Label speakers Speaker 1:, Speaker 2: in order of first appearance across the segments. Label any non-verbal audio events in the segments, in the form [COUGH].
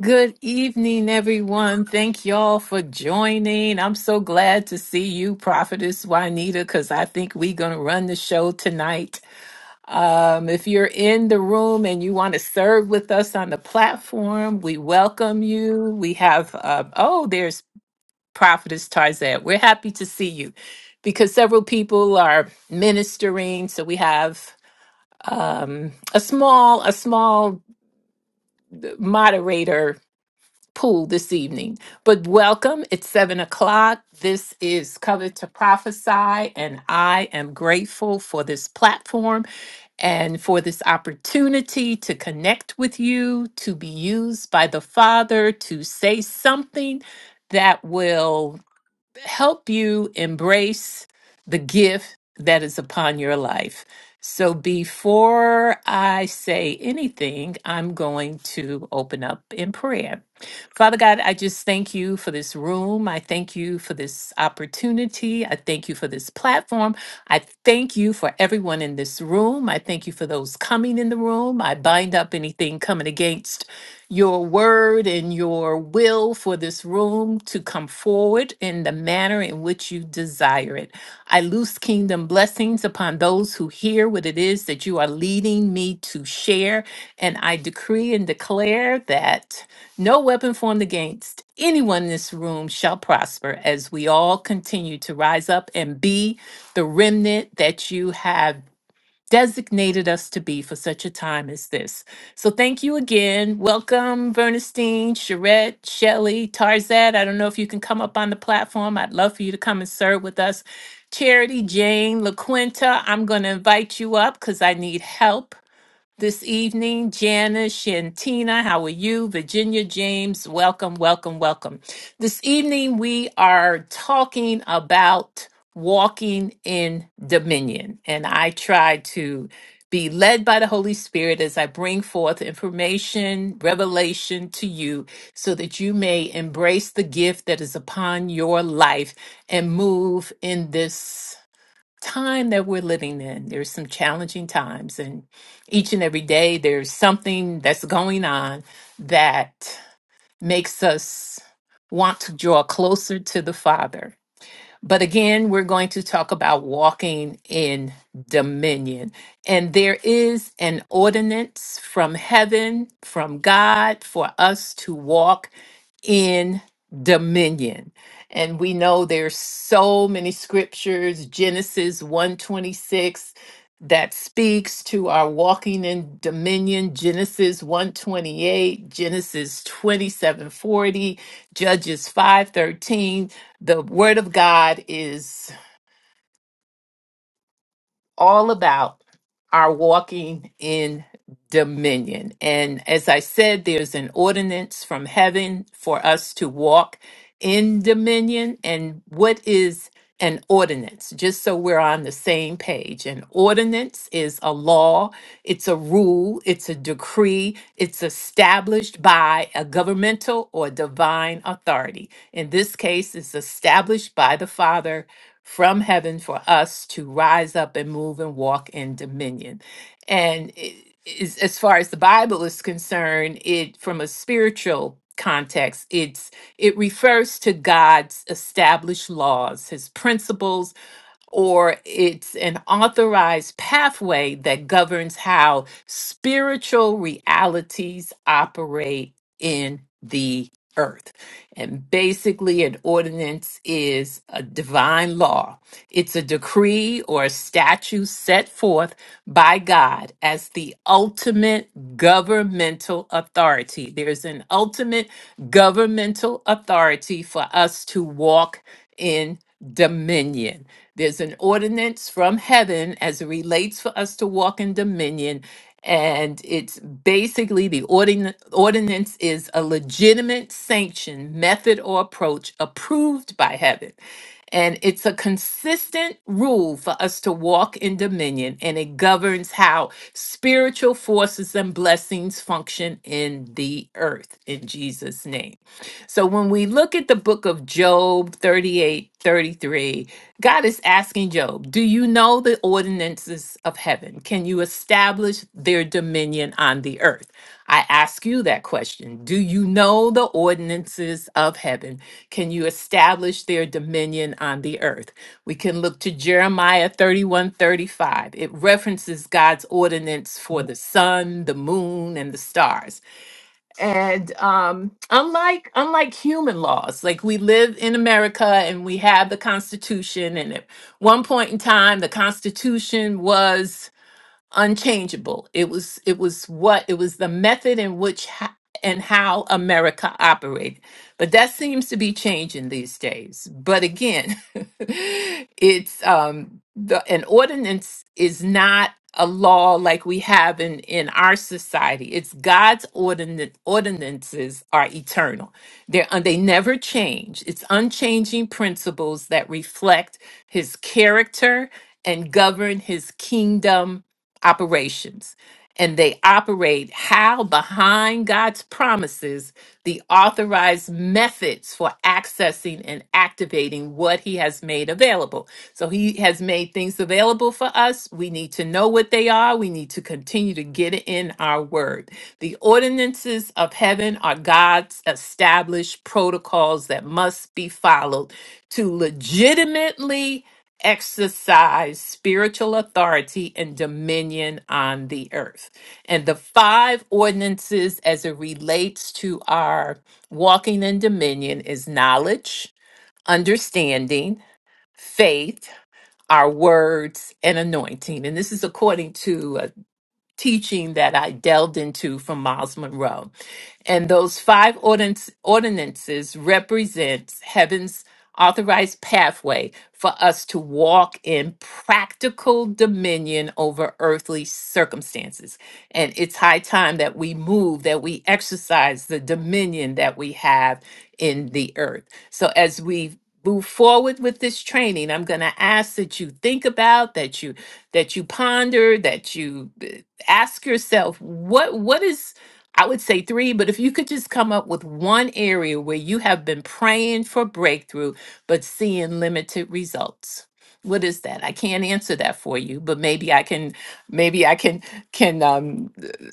Speaker 1: Good evening, everyone. Thank y'all for joining. I'm so glad to see you, Prophetess Juanita, because I think we're going to run the show tonight. Um, if you're in the room and you want to serve with us on the platform, we welcome you. We have, uh, oh, there's Prophetess Tarzette. We're happy to see you because several people are ministering. So we have um, a small, a small moderator pool this evening. But welcome. It's seven o'clock. This is Covered to Prophesy, and I am grateful for this platform and for this opportunity to connect with you, to be used by the Father, to say something that will help you embrace the gift that is upon your life. So before I say anything, I'm going to open up in prayer. Father God, I just thank you for this room. I thank you for this opportunity. I thank you for this platform. I thank you for everyone in this room. I thank you for those coming in the room. I bind up anything coming against your word and your will for this room to come forward in the manner in which you desire it. I loose kingdom blessings upon those who hear what it is that you are leading me to share. And I decree and declare that no weapon formed against anyone in this room shall prosper as we all continue to rise up and be the remnant that you have designated us to be for such a time as this. So thank you again. Welcome, Bernstein, Charette, Shelley, Tarzad. I don't know if you can come up on the platform. I'd love for you to come and serve with us. Charity, Jane, LaQuinta, I'm going to invite you up because I need help this evening. Janice, Shantina, how are you? Virginia James, welcome, welcome, welcome. This evening we are talking about walking in dominion. And I try to be led by the Holy Spirit as I bring forth information, revelation to you, so that you may embrace the gift that is upon your life and move in this time that we're living in. There's some challenging times, and each and every day there's something that's going on that makes us want to draw closer to the Father. But again, we're going to talk about walking in dominion. And there is an ordinance from heaven, from God, for us to walk in dominion. And we know there's so many scriptures, Genesis 126 that speaks to our walking in dominion, Genesis 128, Genesis 2740, Judges 513. The word of God is all about our walking in dominion. And as I said, there's an ordinance from heaven for us to walk in dominion. And what is an ordinance? Just so we're on the same page. An ordinance is a law, it's a rule, it's a decree, it's established by a governmental or divine authority. In this case, it's established by the Father from heaven for us to rise up and move and walk in dominion. And i- as far as the Bible is concerned, it from a spiritual context, it's it refers to God's established laws, his principles or it's an authorized pathway that governs how spiritual realities operate in the earth. And basically, an ordinance is a divine law, it's a decree or a statute set forth by God as the ultimate governmental authority. There's an ultimate governmental authority for us to walk in dominion. There's an ordinance from heaven as it relates for us to walk in dominion. And it's basically the ordin- ordinance is a legitimate sanction, method, or approach approved by heaven. And it's a consistent rule for us to walk in dominion, and it governs how spiritual forces and blessings function in the earth, in Jesus' name. So when we look at the book of Job 38 33, God is asking Job, Do you know the ordinances of heaven? Can you establish their dominion on the earth? I ask you that question. Do you know the ordinances of heaven? Can you establish their dominion on the earth? We can look to Jeremiah 31, 35. It references God's ordinance for the sun, the moon, and the stars. And um, unlike unlike human laws, like we live in America and we have the Constitution, and at one point in time, the Constitution was unchangeable. It was it was what it was the method in which ho- and how America operated. But that seems to be changing these days. But again, [LAUGHS] it's um the an ordinance is not a law like we have in in our society. It's God's ordinance ordinances are eternal. They're un- they never change. It's unchanging principles that reflect his character and govern his kingdom operations and they operate how behind God's promises, the authorized methods for accessing and activating what He has made available. So, He has made things available for us. We need to know what they are. We need to continue to get it in our word. The ordinances of heaven are God's established protocols that must be followed to legitimately exercise spiritual authority and dominion on the earth. And the five ordinances as it relates to our walking in dominion is knowledge, understanding, faith, our words, and anointing. And this is according to uh, teaching that I delved into from Miles Monroe. And those five ordinance, ordinances represents heaven's authorized pathway for us to walk in practical dominion over earthly circumstances. And it's high time that we move, that we exercise the dominion that we have in the earth. So as we move forward with this training i'm going to ask that you think about that you that you ponder that you ask yourself what what is i would say three but if you could just come up with one area where you have been praying for breakthrough but seeing limited results what is that i can't answer that for you but maybe i can maybe i can can um,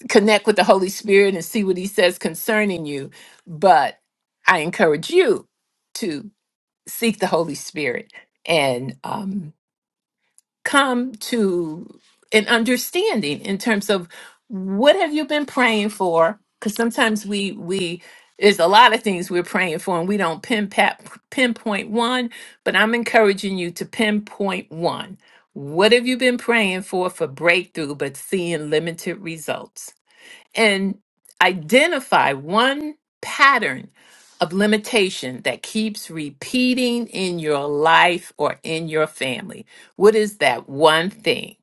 Speaker 1: connect with the holy spirit and see what he says concerning you but i encourage you to seek the holy spirit and um come to an understanding in terms of what have you been praying for because sometimes we we there's a lot of things we're praying for and we don't pinpat, pinpoint one but i'm encouraging you to pinpoint one what have you been praying for for breakthrough but seeing limited results and identify one pattern of limitation that keeps repeating in your life or in your family. What is that one thing?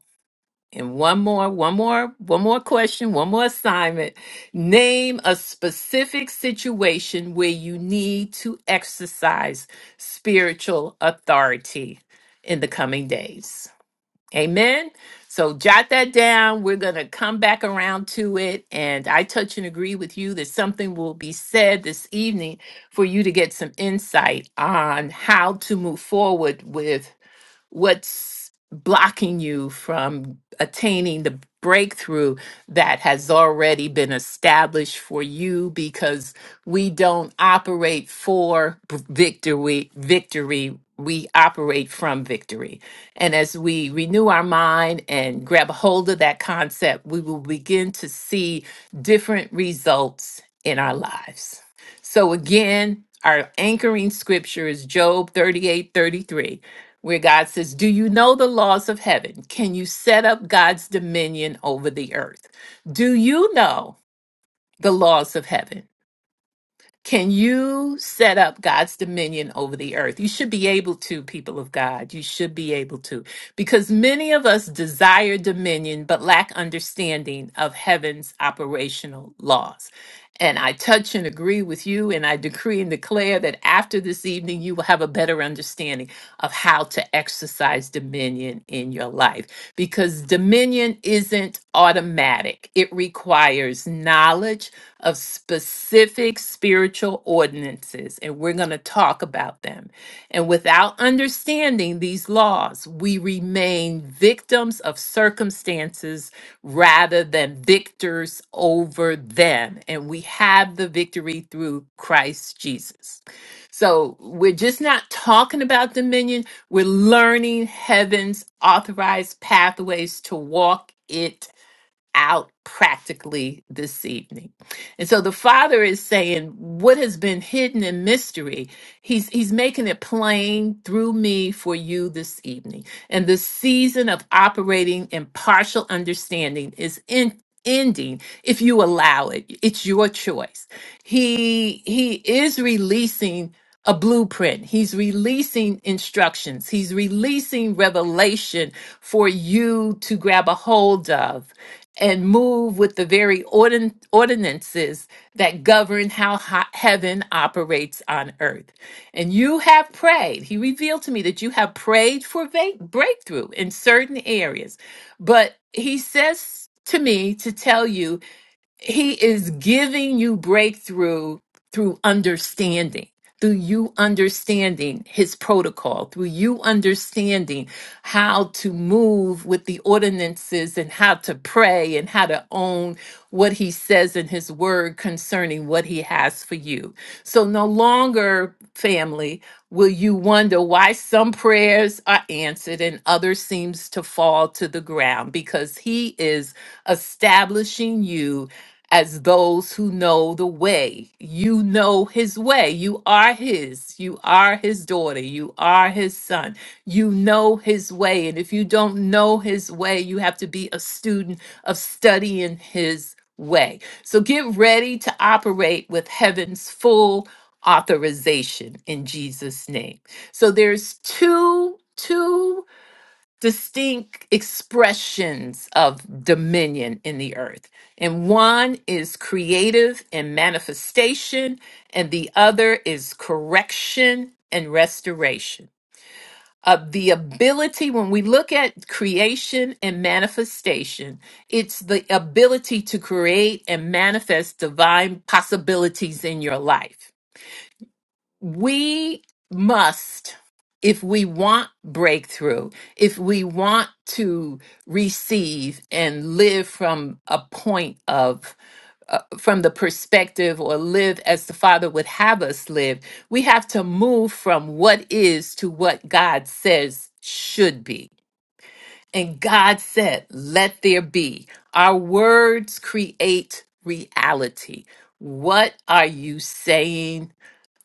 Speaker 1: And one more, one more, one more question, one more assignment. Name a specific situation where you need to exercise spiritual authority in the coming days. Amen. So jot that down. We're going to come back around to it. And I touch and agree with you that something will be said this evening for you to get some insight on how to move forward with what's blocking you from attaining the breakthrough that has already been established for you because we don't operate for b- victory victory we operate from victory and as we renew our mind and grab a hold of that concept we will begin to see different results in our lives so again our anchoring scripture is job 38 33 where God says, Do you know the laws of heaven? Can you set up God's dominion over the earth? Do you know the laws of heaven? Can you set up God's dominion over the earth? You should be able to, people of God. You should be able to, because many of us desire dominion but lack understanding of heaven's operational laws. And I touch and agree with you, and I decree and declare that after this evening, you will have a better understanding of how to exercise dominion in your life. Because dominion isn't automatic, it requires knowledge of specific spiritual ordinances, and we're going to talk about them. And without understanding these laws, we remain victims of circumstances rather than victors over them. And we have the victory through Christ Jesus. So we're just not talking about dominion, we're learning heaven's authorized pathways to walk. it out practically this evening. And so the father is saying what has been hidden in mystery, he's he's making it plain through me for you this evening. And the season of operating in partial understanding is in ending if you allow it. It's your choice. He he is releasing a blueprint. He's releasing instructions. He's releasing revelation for you to grab a hold of and move with the very ordin- ordinances that govern how ha- heaven operates on earth. And you have prayed. He revealed to me that you have prayed for va- breakthrough in certain areas. But he says to me to tell you he is giving you breakthrough through understanding, through you understanding his protocol, through you understanding how to move with the ordinances and how to pray and how to own what he says in his word concerning what he has for you. So, no longer, family, will you wonder why some prayers are answered and others seems to fall to the ground because he is establishing you as those who know the way. You know his way. You are his. You are his daughter. You are his son. You know his way. And if you don't know his way, you have to be a student of studying his way. So get ready to operate with heaven's full authorization in Jesus name. So there's two two distinct expressions of dominion in the earth. And one is creative and manifestation, and the other is correction and restoration. Uh, the ability, when we look at creation and manifestation, it's the ability to create and manifest divine possibilities in your life we must, if we want breakthrough, if we want to receive and live from a point of, uh, from the perspective or live as the Father would have us live, we have to move from what is to what God says should be. And God said, let there be. Our words create reality. What are you saying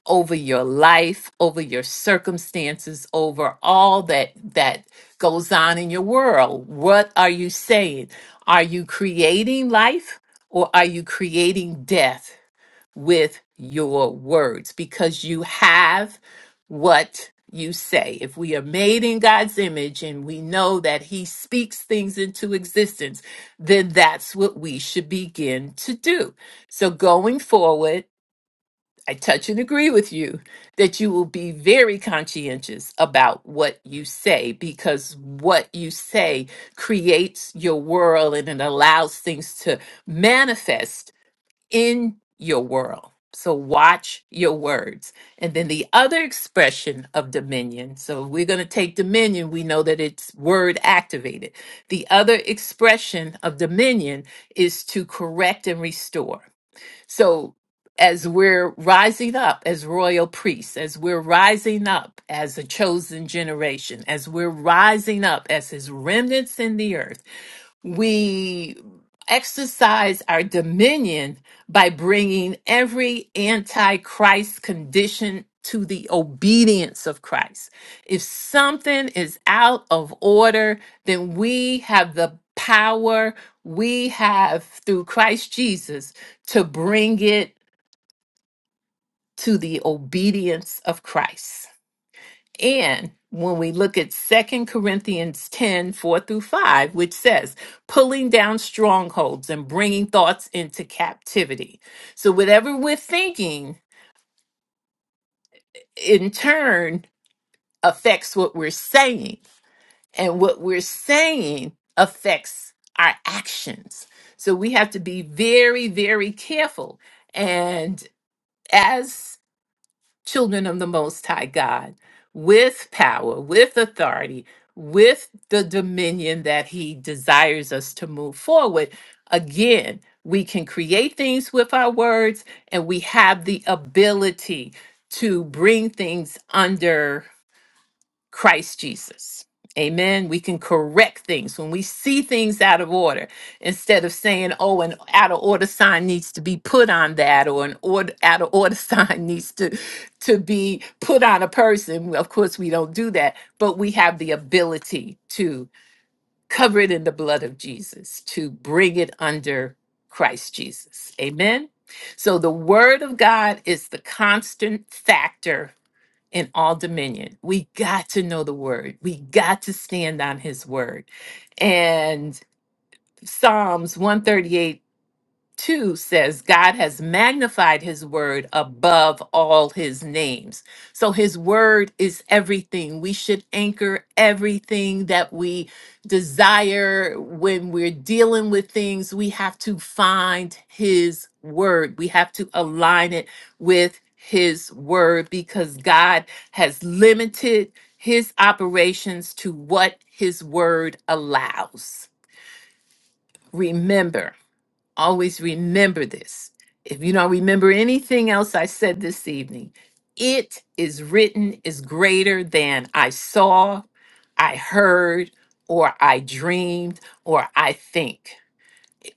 Speaker 1: over your life, over your circumstances, over all that that goes on in your world. What are you saying? Are you creating life or are you creating death with your words because you have what you say. If we are made in God's image and we know that he speaks things into existence, then that's what we should begin to do. So going forward, I touch and agree with you that you will be very conscientious about what you say because what you say creates your world and it allows things to manifest in your world. So watch your words. And then the other expression of dominion. So if we're going to take dominion, we know that it's word activated. The other expression of dominion is to correct and restore. So, as we're rising up as royal priests, as we're rising up as a chosen generation, as we're rising up as his remnants in the earth, we exercise our dominion by bringing every antichrist condition to the obedience of Christ. If something is out of order, then we have the power we have through Christ Jesus to bring it to the obedience of Christ. And when we look at Second Corinthians 10 4 through 5, which says, pulling down strongholds and bringing thoughts into captivity. So, whatever we're thinking in turn affects what we're saying, and what we're saying affects our actions. So, we have to be very, very careful. And as children of the Most High God with power, with authority, with the dominion that He desires us to move forward. Again, we can create things with our words, and we have the ability to bring things under. Christ Jesus. Amen. We can correct things when we see things out of order instead of saying, oh, an out of order sign needs to be put on that or an order, out of order [LAUGHS] sign needs to, to be put on a person. Well, Of course, we don't do that, but we have the ability to cover it in the blood of Jesus, to bring it under Christ Jesus. Amen. So the word of God is the constant factor in all dominion. We got to know the word. We got to stand on his word. And Psalms 138 2 says, God has magnified his word above all his names. So his word is everything. We should anchor everything that we desire when we're dealing with things. We have to find his word, we have to align it with his word because God has limited his operations to what his word allows. Remember, Always remember this. If you don't remember anything else I said this evening, it is written is greater than I saw, I heard, or I dreamed, or I think.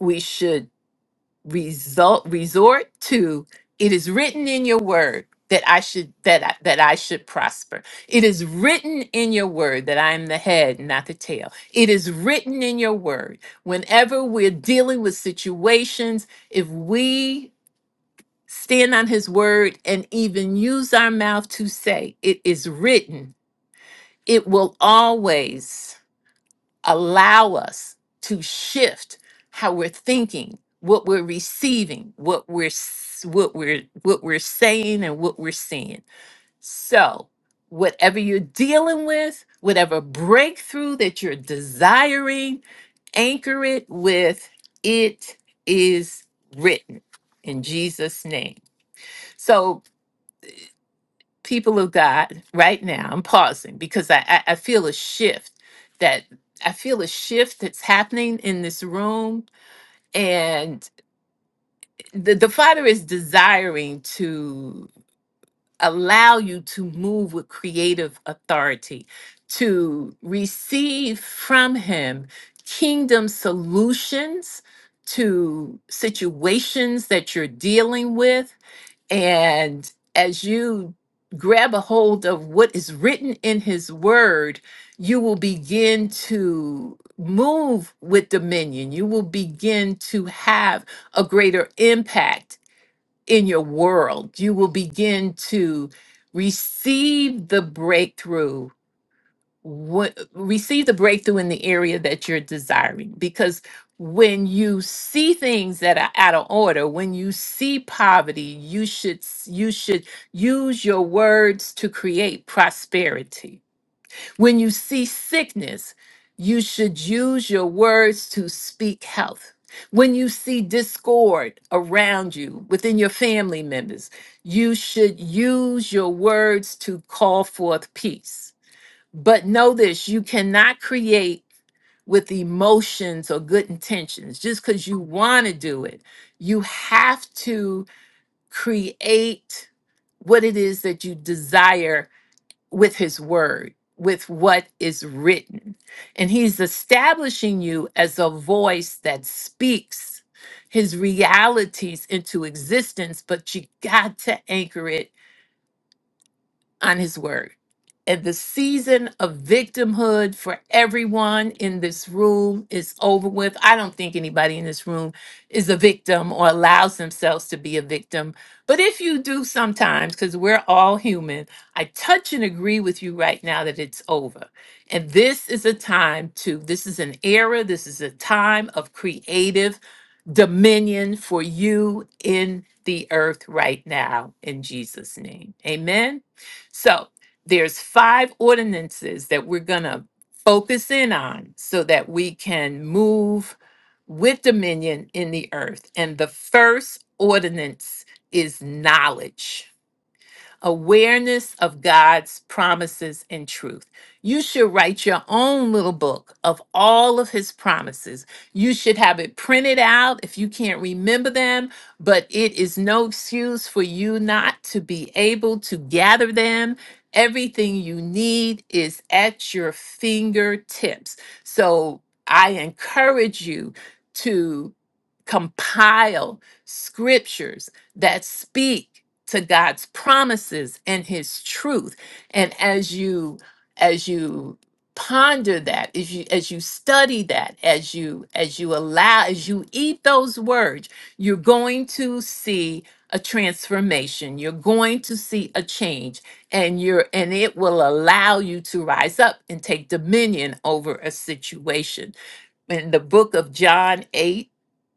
Speaker 1: We should result resort to it is written in your word that I should that I, that I should prosper. It is written in your word that I am the head, not the tail. It is written in your word. Whenever we're dealing with situations, if we stand on his word and even use our mouth to say it is written, it will always allow us to shift how we're thinking, what we're receiving, what we're s- what we're what we're saying and what we're seeing. So, whatever you're dealing with, whatever breakthrough that you're desiring, anchor it with it is written in Jesus name. So, people of God, right now, I'm pausing because I, I, I feel a shift that I feel a shift that's happening in this room. And the, the Father is desiring to allow you to move with creative authority, to receive from Him kingdom solutions to situations that you're dealing with and as you grab a hold of what is written in his word, you will begin to move with dominion. You will begin to have a greater impact in your world. You will begin to receive the breakthrough what, receive the breakthrough in the area that you're desiring because when you see things that are out of order when you see poverty you should s- you should use your words to create prosperity when you see sickness you should use your words to speak health when you see discord around you within your family members you should use your words to call forth peace but know this you cannot create with emotions or good intentions just because you want to do it. You have to create what it is that you desire with His Word, with what is written. And He's establishing you as a voice that speaks His realities into existence, but you got to anchor it on his word. And the season of victimhood for everyone in this room is over with. I don't think anybody in this room is a victim or allows themselves to be a victim. But if you do sometimes, because we're all human, I touch and agree with you right now that it's over. And this is a time to, this is an era, this is a time of creative dominion for you in the earth right now, in Jesus' name. Amen. So there's five ordinances that we're going to focus in on so that we can move with dominion in the earth. And the first ordinance is knowledge awareness of God's promises and truth. You should write your own little book of all of his promises. You should have it printed out if you can't remember them, but it is no excuse for you not to be able to gather them. Everything you need is at your fingertips. So I encourage you to compile scriptures that speak to God's promises and his truth. And as you as you ponder that, as you as you study that, as you as you allow as you eat those words, you're going to see a transformation. You're going to see a change and you're and it will allow you to rise up and take dominion over a situation. In the book of John 8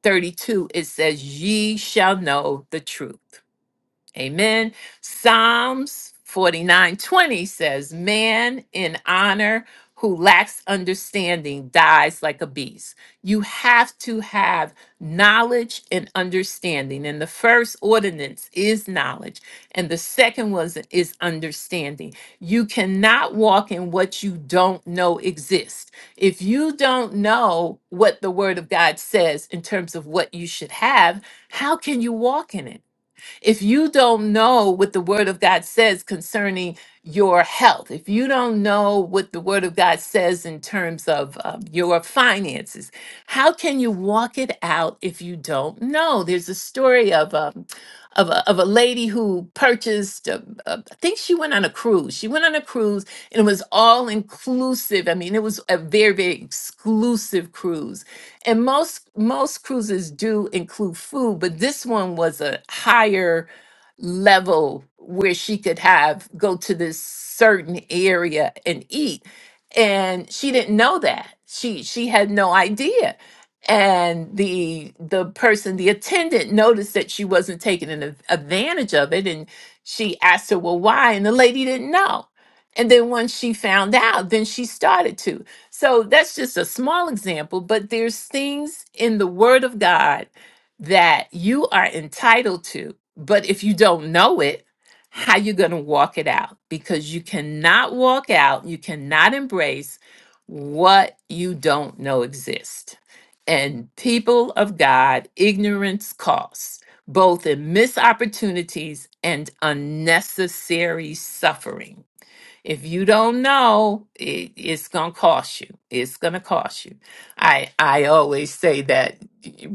Speaker 1: 32, it says ye shall know the truth Amen. Psalms 49:20 says, "Man in honor who lacks understanding dies like a beast." You have to have knowledge and understanding. And the first ordinance is knowledge, and the second was is understanding. You cannot walk in what you don't know exists. If you don't know what the word of God says in terms of what you should have, how can you walk in it? If you don't know what the Word of God says concerning your health, if you don't know what the Word of God says in terms of um, your finances, how can you walk it out if you don't know? There's a story of um, of a, of a lady who purchased, uh, uh, I think she went on a cruise. She went on a cruise and it was all inclusive. I mean, it was a very, very exclusive cruise and most most cruises do include food but this one was a higher level where she could have go to this certain area and eat and she didn't know that she she had no idea and the the person the attendant noticed that she wasn't taking an ad- advantage of it and she asked her well why and the lady didn't know and then once she found out then she started to so that's just a small example, but there's things in the Word of God that you are entitled to. But if you don't know it, how you going to walk it out? Because you cannot walk out, you cannot embrace what you don't know exists. And people of God, ignorance costs, both in missed opportunities and unnecessary suffering. If you don't know, it, it's gonna cost you. It's gonna cost you. I I always say that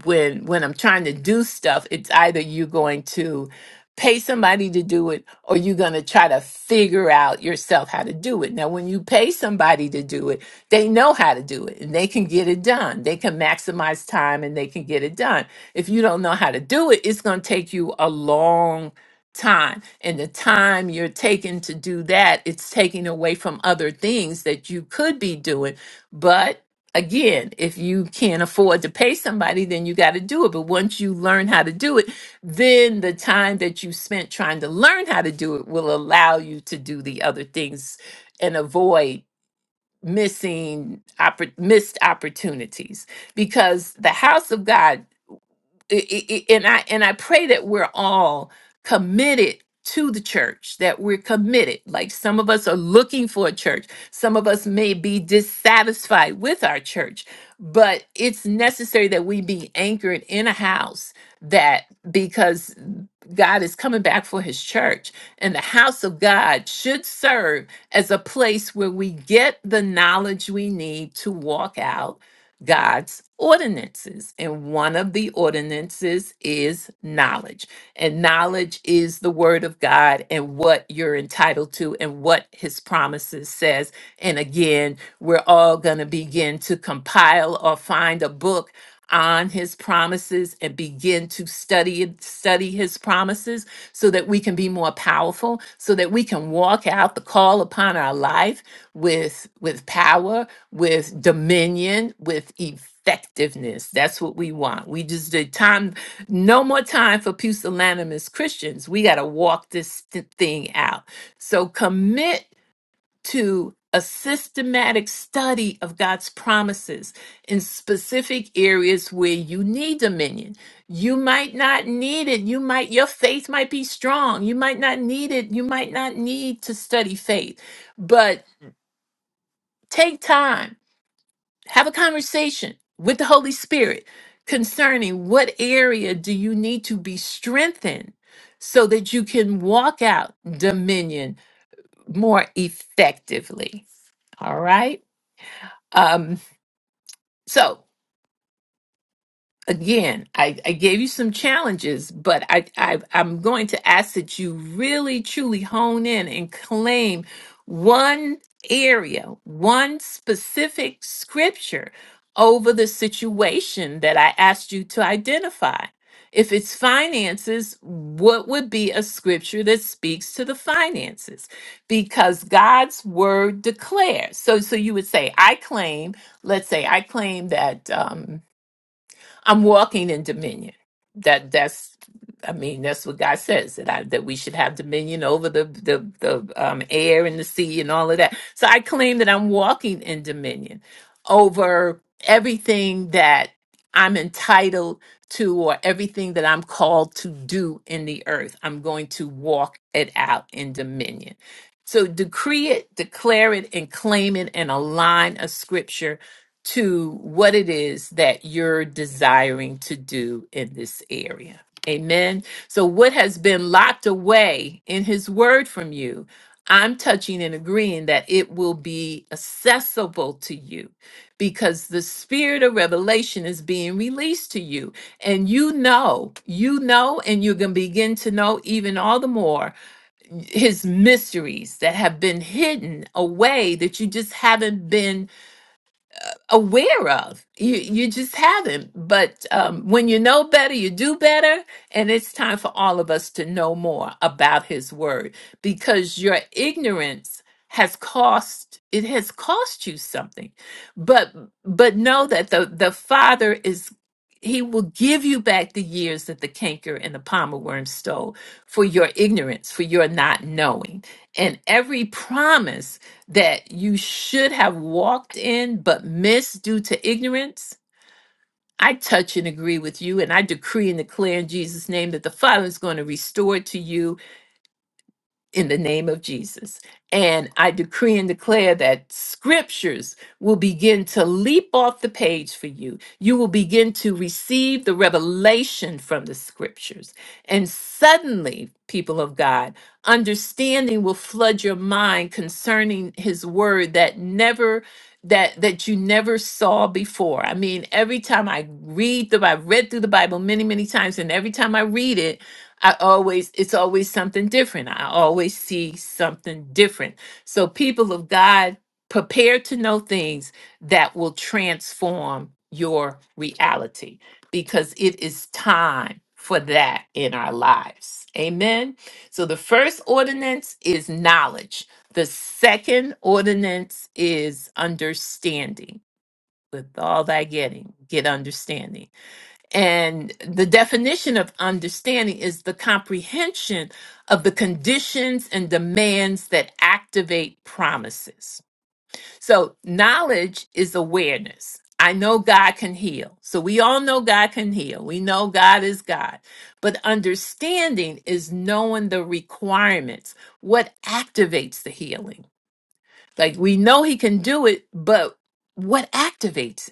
Speaker 1: when when I'm trying to do stuff, it's either you're going to pay somebody to do it or you're going to try to figure out yourself how to do it. Now when you pay somebody to do it, they know how to do it and they can get it done. They can maximize time and they can get it done. If you don't know how to do it, it's going to take you a long time and the time you're taking to do that it's taking away from other things that you could be doing but again if you can't afford to pay somebody then you got to do it but once you learn how to do it then the time that you spent trying to learn how to do it will allow you to do the other things and avoid missing oppor- missed opportunities because the house of god i- i- i- and I and I pray that we're all committed to the church that we're committed like some of us are looking for a church some of us may be dissatisfied with our church but it's necessary that we be anchored in a house that because God is coming back for his church and the house of God should serve as a place where we get the knowledge we need to walk out God's ordinances. And one of the ordinances is knowledge. And knowledge is the word of God and what you're entitled to and what his promises says. And again, we're all going to begin to compile or find a book on his promises and begin to study it- study his promises so that we can be more powerful so that we can walk out the call upon our life with with power with dominion, with effectiveness. That's what we want. We just did time, no more time for pusillanimous Christians. We got to walk this th- thing out. So commit to a systematic study of God's promises in specific areas where you need dominion. You might not need it. You might, your faith might be strong. You might not need it. You might not need to study faith, but take time have a conversation with the Holy Spirit concerning what area do you need to be strengthened so that you can walk out dominion more effectively. All right. Um, so again, I, I gave you some challenges, but I, I I'm going to ask that you really truly hone in and claim one area, one specific scripture over the situation that I asked you to identify. If it's finances, what would be a scripture that speaks to the finances? Because God's word declares. So so you would say, I claim, let's say I claim that um I'm walking in dominion. That that's I mean that's what God says that I that we should have dominion over the the the um, air and the sea and all of that. So I claim that I'm walking in dominion over everything that I'm entitled to or everything that I'm called to do in the earth. I'm going to walk it out in dominion. So decree it, declare it, and claim it and a line of scripture to what it is that you're desiring to do in this area. Amen. So, what has been locked away in His Word from you, I'm touching and agreeing that it will be accessible to you because the spirit of revelation is being released to you. And you know, you know, and you're going to begin to know even all the more His mysteries that have been hidden away that you just haven't been aware of. You you just haven't. But um, when you know better, you do better, and it's time for all of us to know more about His Word because your ignorance has cost it has cost you something. But but know that the the Father is. He will give you back the years that the canker and the palmer worm stole for your ignorance, for your not knowing. And every promise that you should have walked in but missed due to ignorance, I touch and agree with you. And I decree and declare in Jesus' name that the Father is going to restore to you in the name of Jesus. And I decree and declare that scriptures will begin to leap off the page for you. You will begin to receive the revelation from the scriptures. And suddenly, people of God, understanding will flood your mind concerning his word that never that that you never saw before. I mean, every time I read the I've read through the Bible many, many times and every time I read it, I always, it's always something different. I always see something different. So, people of God, prepare to know things that will transform your reality because it is time for that in our lives. Amen. So, the first ordinance is knowledge, the second ordinance is understanding. With all thy getting, get understanding. And the definition of understanding is the comprehension of the conditions and demands that activate promises. So, knowledge is awareness. I know God can heal. So, we all know God can heal. We know God is God. But understanding is knowing the requirements, what activates the healing. Like, we know He can do it, but what activates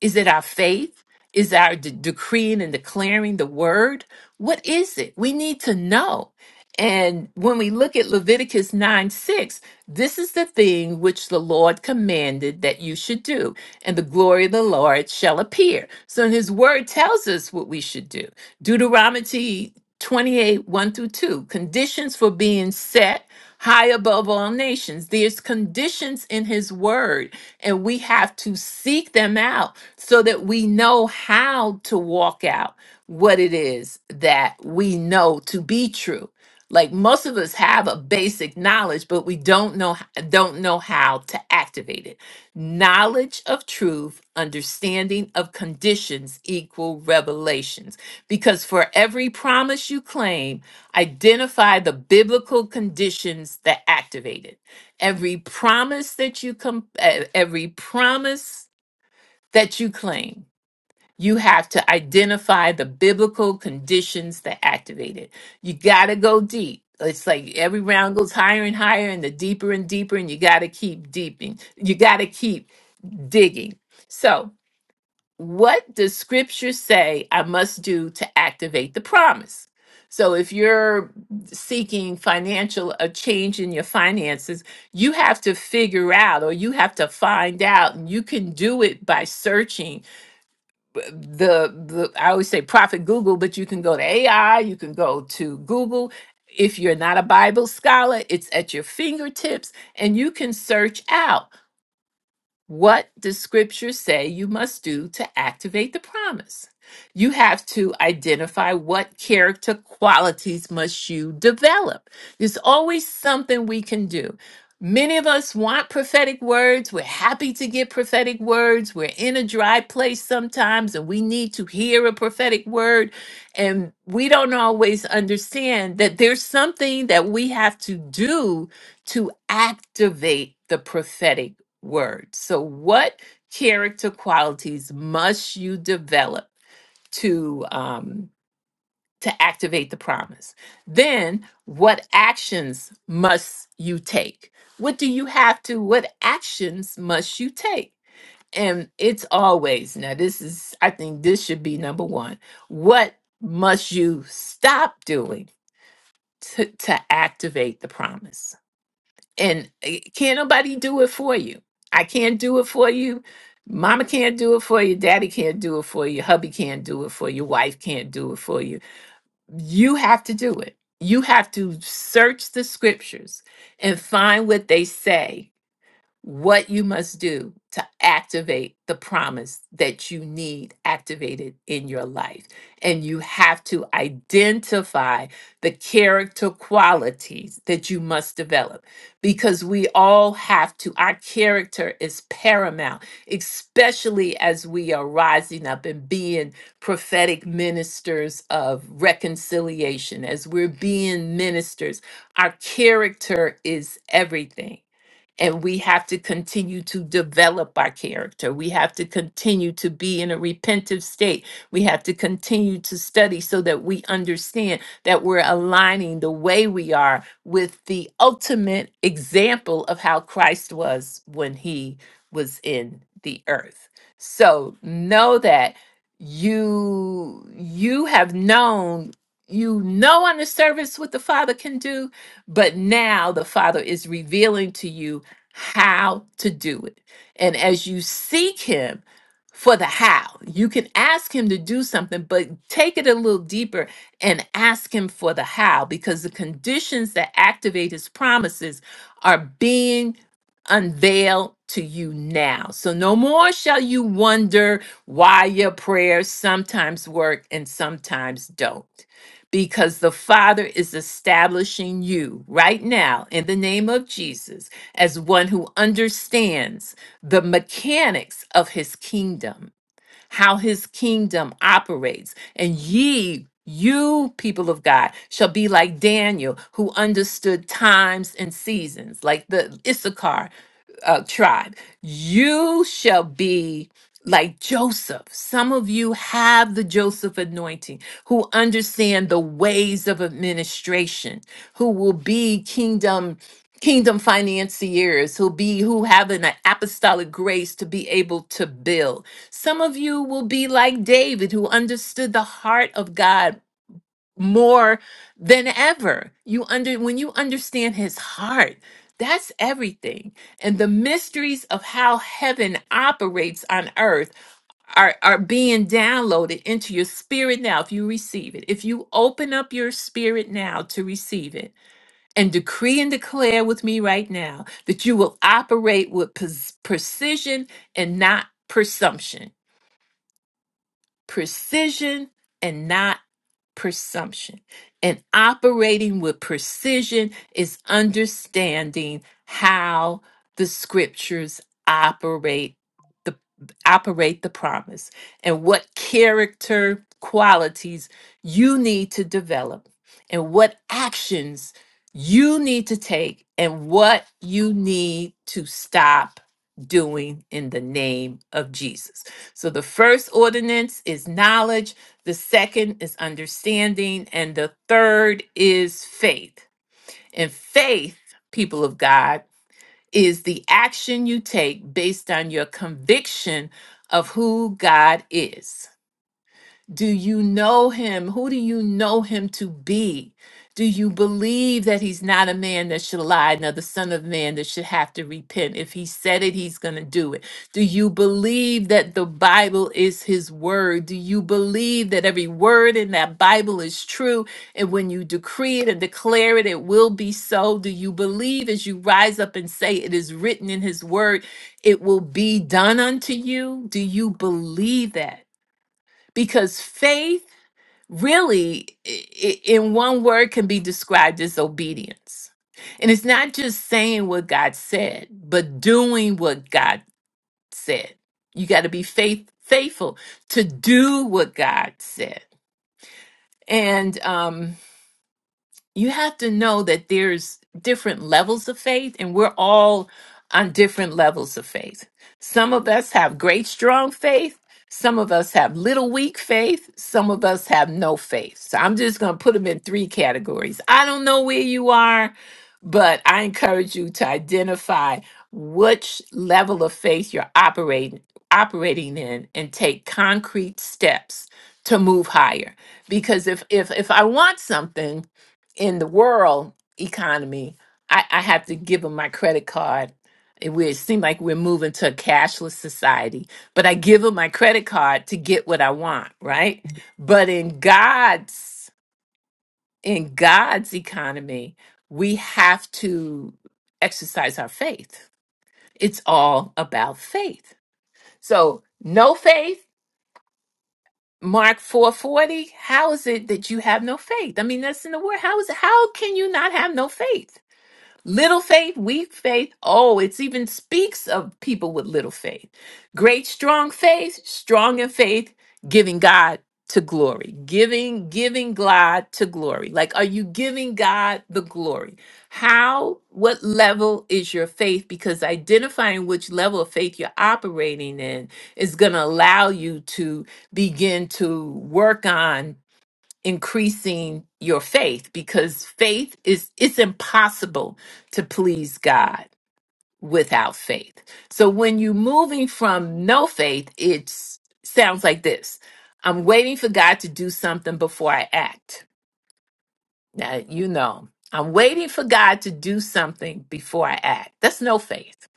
Speaker 1: is it our faith? Is it our de- decreeing and declaring the word? What is it? We need to know. And when we look at Leviticus 9 6, this is the thing which the Lord commanded that you should do, and the glory of the Lord shall appear. So, his word tells us what we should do. Deuteronomy 28 1 through 2, conditions for being set high above all nations. There's conditions in his word, and we have to seek them out so that we know how to walk out what it is that we know to be true. Like most of us have a basic knowledge, but we don't know don't know how to activate it. Knowledge of truth, understanding of conditions equal revelations. Because for every promise you claim, identify the biblical conditions that activate it. Every promise that you com- e- every promise that you claim. You have to identify the biblical conditions that activate it. You got to go deep. It's like every round goes higher and higher, and the deeper and deeper, and you got to keep deeping. You got to keep digging. So, what does scripture say I must do to activate the promise? So, if you're seeking financial, a change in your finances, you have to figure out or you have to find out, and you can do it by searching the, the I always say Prophet Google, but you can go to AI, you can go to Google. If you're not a Bible scholar, it's at your fingertips and you can search out what does scripture say you must do to activate the promise? You have to identify what character qualities must you develop. There's always something we can do. Many of us want prophetic words. We're happy to get prophetic words. We're in a dry place sometimes and we need to hear a prophetic word. And we don't always understand that there's something that we have to do to activate the prophetic word. So, what character qualities must you develop to um, to activate the promise? Then, what actions must you take? What do you have to? What actions must you take? And it's always now. This is, I think, this should be number one. What must you stop doing to, to activate the promise? and eh, can't nobody do it for you. I can't do it for you. Mama can't do it for you. Daddy can't do it for you. Hubby can't do it for you. Wife can't do it for you. You have to do it. You have to search the scriptures and find what they say what you must do to activate the promise that you need activated in your life. And you have to identify the character qualities that you must develop because we all have to, our character is paramount, especially as we are rising up and being prophetic ministers of reconciliation, as we're being ministers. Our character is everything and we have to continue to develop our character. We have to continue to be in a repentive state. We have to continue to study so that we understand that we're aligning the way we are with the ultimate example of how Christ was when he was in the earth. So know that you you have known you know on the service what the father can do but now the father is revealing to you how to do it. And as you seek Him for the how, you can ask Him to do something, but take it a little deeper and ask Him for the how because the conditions that activate His promises are being unveiled to you now. So no more shall you wonder why your prayers sometimes work and sometimes don't. Because the Father is establishing you right now in the name of Jesus as one who understands the mechanics of his kingdom, how his kingdom operates. And ye, you people of God, shall be like Daniel, who understood times and seasons, like the Issachar uh, tribe. You shall be like Joseph. Some of you have the Joseph anointing, who understand the ways of administration, who will be kingdom kingdom financiers who be who have an apostolic grace to be able to build some of you will be like david who understood the heart of god more than ever. You under when you understand his heart, that's everything. And the mysteries of how heaven operates on earth are, are being downloaded into your spirit now if you receive it. If you open up your spirit now to receive it and decree and declare with me right now that you will operate with pres- precision and not presumption. Precision and not presumption. And operating with precision is understanding how the scriptures operate the operate the promise and what character qualities you need to develop and what actions you need to take and what you need to stop doing in the name of Jesus. So the first ordinance is knowledge the second is understanding. And the third is faith. And faith, people of God, is the action you take based on your conviction of who God is. Do you know him? Who do you know him to be? Do you believe that he's not a man that should lie, nor the son of man that should have to repent? If he said it, he's going to do it. Do you believe that the Bible is his word? Do you believe that every word in that Bible is true? And when you decree it and declare it, it will be so. Do you believe as you rise up and say it is written in his word, it will be done unto you? Do you believe that? Because faith really i- i- in one word can be described as obedience and it's not just saying what god said but doing what god said you got to be faith faithful to do what god said and um you have to know that there's different levels of faith and we're all on different levels of faith some of us have great strong faith some of us have little weak faith some of us have no faith so i'm just going to put them in three categories i don't know where you are but i encourage you to identify which level of faith you're operating operating in and take concrete steps to move higher because if if if i want something in the world economy, I, I have to give them my credit card. It would seem like we're moving to a cashless society, but I give them my credit card to get what I want, right? But in God's in God's economy, we have to exercise our faith. It's all about faith. So no faith, Mark 440, how is it that you have no faith? I mean, that's in the word. How is it how can you not have no faith? Little faith, weak faith. Oh, it even speaks of people with little faith. Great, strong faith, strong in faith, giving God to glory. Giving, giving God to glory. Like, are you giving God the glory? How, what level is your faith? Because identifying which level of faith you're operating in is going to allow you to begin to work on increasing your faith because faith is it's impossible to please God without faith. So when you're moving from no faith, it sounds like this. I'm waiting for God to do something before I act. Now, you know, I'm waiting for God to do something before I act. That's no faith.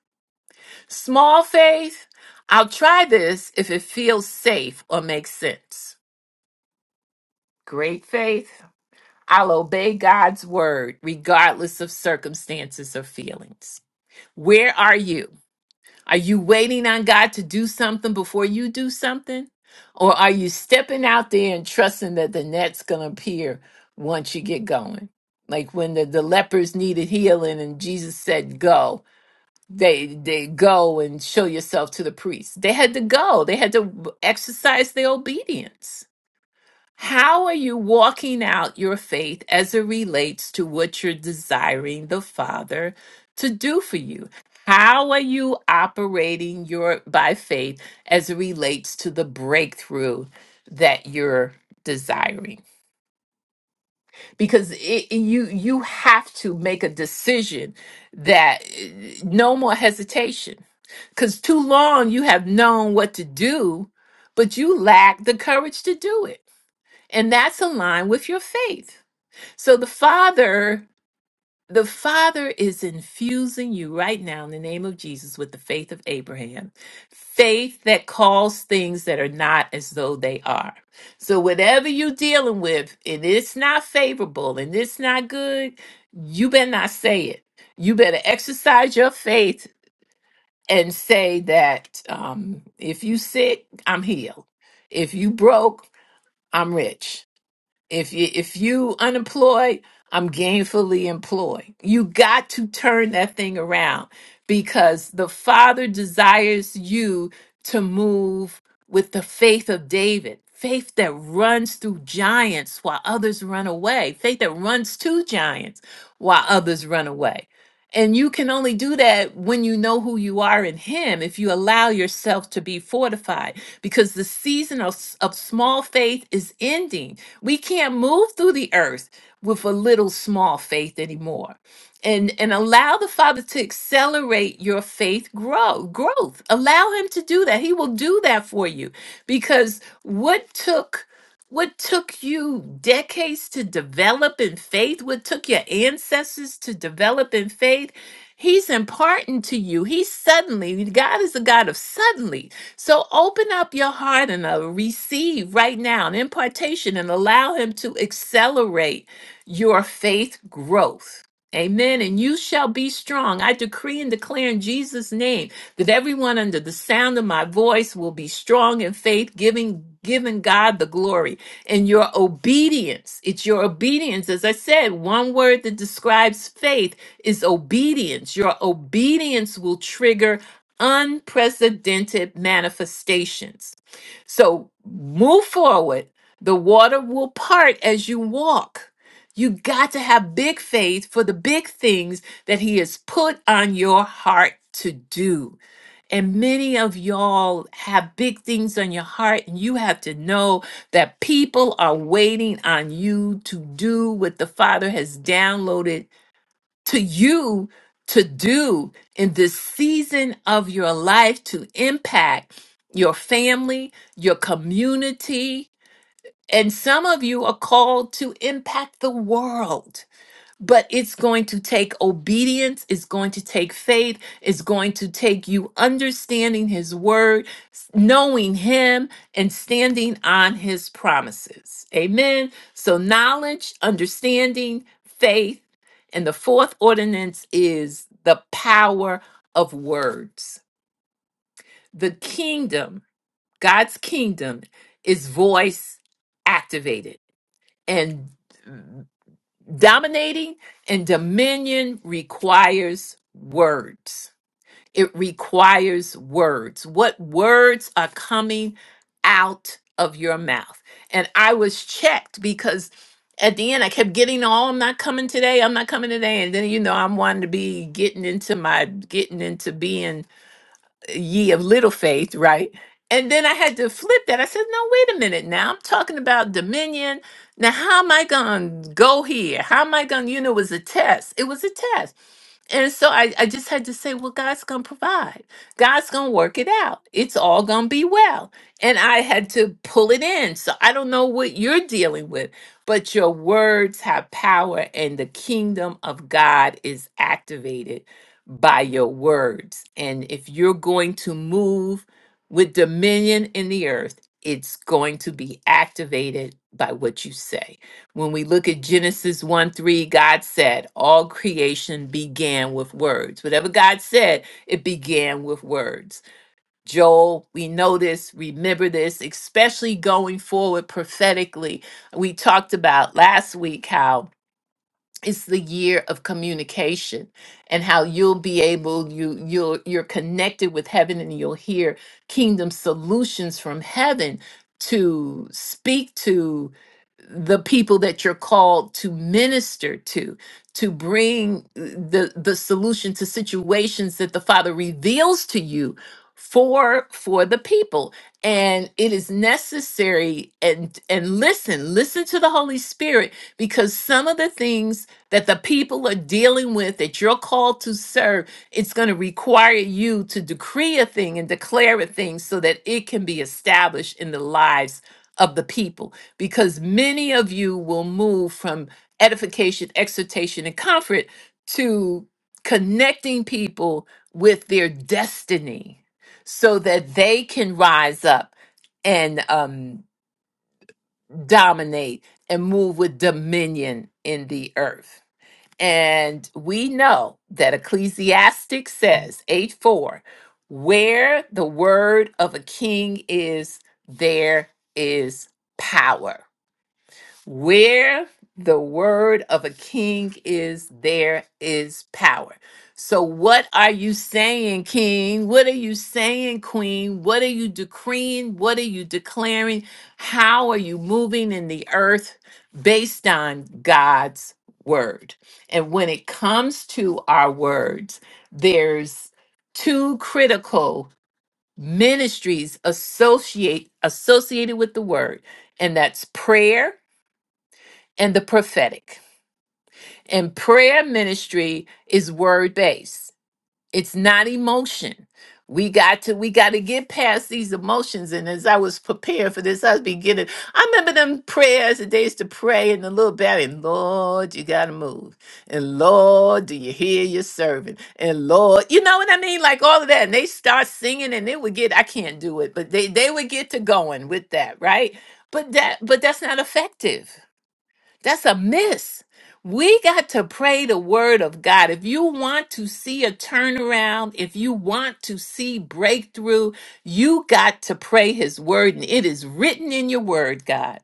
Speaker 1: Small faith, I'll try this if it feels safe or makes sense. Great faith I'll obey God's word regardless of circumstances or feelings. Where are you? Are you waiting on God to do something before you do something? Or are you stepping out there and trusting that the net's going to appear once you get going? Like when the, the lepers needed healing and Jesus said, Go, they, they go and show yourself to the priest. They had to go, they had to exercise their obedience. How are you walking out your faith as it relates to what you're desiring the Father to do for you? How are you operating your by faith as it relates to the breakthrough that you're desiring? Because it, it- you you have to make a decision that eh, no more hesitation. Because too long you have known what to do, but you lack the courage to do it, and that's aligned with your faith. So the Father, the Father is infusing you right now in the name of Jesus with the faith of Abraham, faith that calls things that are not as though they are. So whatever you're dealing with, and it's not favorable and it's not good, you better not say it. You better exercise your faith and say that um, if you sick, I'm healed. If you broke, I'm rich if you if you unemployed, I'm gainfully employed. You got to turn that thing around because the Father desires you to move with the faith of David. Faith that runs through giants while others run away. Faith that runs to giants while others run away. And you can only do that when you know who you are in Him, if you allow yourself to be fortified, because the season of, s- of small faith is ending. We can't move through the earth with a little small faith anymore. And, and allow the Father to accelerate your faith grow growth. Allow Him to do that. He will do that for you because what took what took you decades to develop in faith? What took your ancestors to develop in faith? He's imparting to you. He's suddenly, God is a God of suddenly. So open up your heart and uh, receive right now an impartation and allow Him to accelerate your faith growth. Amen. And you shall be strong. I decree and declare in Jesus' name that everyone under the sound of my voice will be strong in faith, giving giving God the glory and your obedience. It's your obedience. As I said, one word that describes faith is obedience. Your obedience will trigger unprecedented manifestations. So move forward. The water will part as you walk. You got to have big faith for the big things that He has put on your heart to do. And many of y'all have big things on your heart, and you have to know that people are waiting on you to do what the Father has downloaded to you to do in this season of your life to impact your family, your community. And some of you are called to impact the world but it's going to take obedience, it's going to take faith, it's going to take you understanding His word, s- knowing Him, and standing on His promises. Amen. So, knowledge, understanding, faith, and the fourth ordinance is the power of words. The kingdom, God's kingdom, is voice activated. And Dominating and dominion requires words. It requires words. What words are coming out of your mouth? And I was checked because at the end I kept getting, oh, I'm not coming today. I'm not coming today. And then, you know, I'm wanting to be getting into my, getting into being ye of little faith, right? And then I had to flip that. I said, no, wait a minute now. I'm talking about dominion. Now, how am I going to go here? How am I going to, you know, it was a test. It was a test. And so I, I just had to say, well, God's going to provide. God's going to work it out. It's all going to be well. And I had to pull it in. So I don't know what you're dealing with, but your words have power, and the kingdom of God is activated by your words. And if you're going to move with dominion in the earth, it's going to be activated by what you say. When we look at Genesis 1 3, God said, All creation began with words. Whatever God said, it began with words. Joel, we know this, remember this, especially going forward prophetically. We talked about last week how it's the year of communication and how you'll be able you you'll you're connected with heaven and you'll hear kingdom solutions from heaven to speak to the people that you're called to minister to to bring the the solution to situations that the father reveals to you for for the people and it is necessary and and listen listen to the holy spirit because some of the things that the people are dealing with that you're called to serve, it's going to require you to decree a thing and declare a thing so that it can be established in the lives of the people. Because many of you will move from edification, exhortation, and comfort to connecting people with their destiny so that they can rise up and um, dominate and move with dominion in the earth. And we know that Ecclesiastic says, 8 4, where the word of a king is, there is power. Where the word of a king is, there is power. So, what are you saying, king? What are you saying, queen? What are you decreeing? What are you declaring? How are you moving in the earth based on God's word? And when it comes to our words, there's two critical ministries associate associated with the word, and that's prayer and the prophetic. And prayer ministry is word based. It's not emotion. We got to we got to get past these emotions. And as I was preparing for this, I was beginning. I remember them prayers, the days to pray in the little belly. And Lord, you gotta move. And Lord, do you hear your servant? And Lord, you know what I mean? Like all of that. And they start singing and they would get, I can't do it, but they they would get to going with that, right? But that but that's not effective that's a miss. We got to pray the word of God. If you want to see a turnaround, if you want to see breakthrough, you got to pray his word. And it is written in your word, God.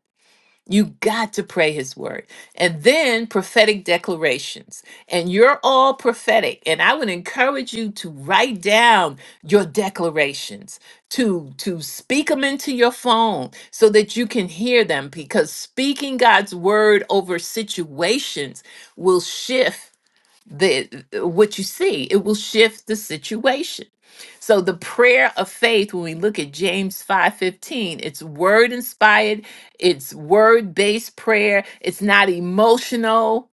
Speaker 1: You got to pray his word. And then prophetic declarations. And you're all prophetic. And I would encourage you to write down your declarations, to, to speak them into your phone so that you can hear them. Because speaking God's word over situations will shift the what you see it will shift the situation so the prayer of faith when we look at james 5.15 it's word inspired it's word based prayer it's not emotional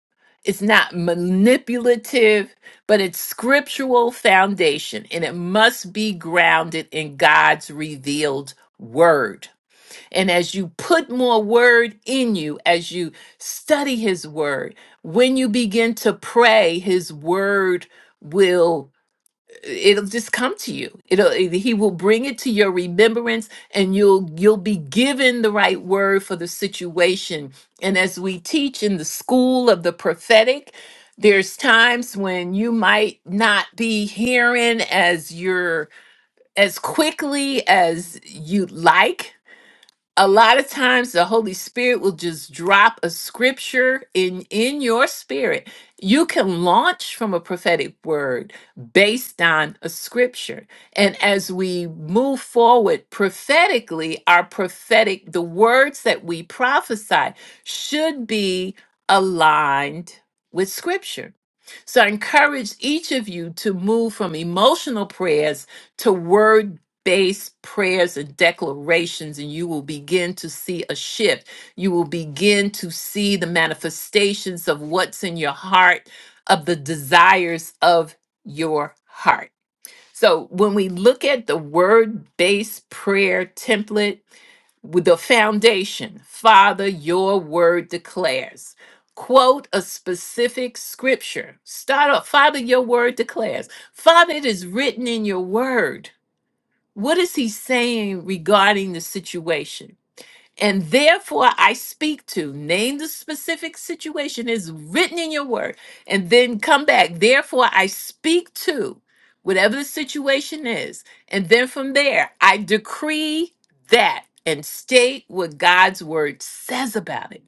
Speaker 1: it's not manipulative but it's scriptural foundation and it must be grounded in god's revealed word and as you put more word in you, as you study his word, when you begin to pray, his word will uh, it'll just come to you. It'll it- he will bring it to your remembrance and you'll you'll be given the right word for the situation. And as we teach in the school of the prophetic, there's times when you might not be hearing as you're as quickly as you'd like a lot of times the holy spirit will just drop a scripture in in your spirit you can launch from a prophetic word based on a scripture and as we move forward prophetically our prophetic the words that we prophesy should be aligned with scripture so i encourage each of you to move from emotional prayers to word based prayers and declarations, and you will begin to see a shift. You will begin to see the manifestations of what's in your heart, of the desires of your heart. So, when we look at the word based prayer template with the foundation, Father, your word declares. Quote a specific scripture. Start off, Father, your word declares. Father, it is written in your word. What is he saying regarding the situation? And therefore I speak to, name the specific situation is written in your word, and then come back. Therefore I speak to whatever the situation is. And then from there, I decree that and state what God's word says about it.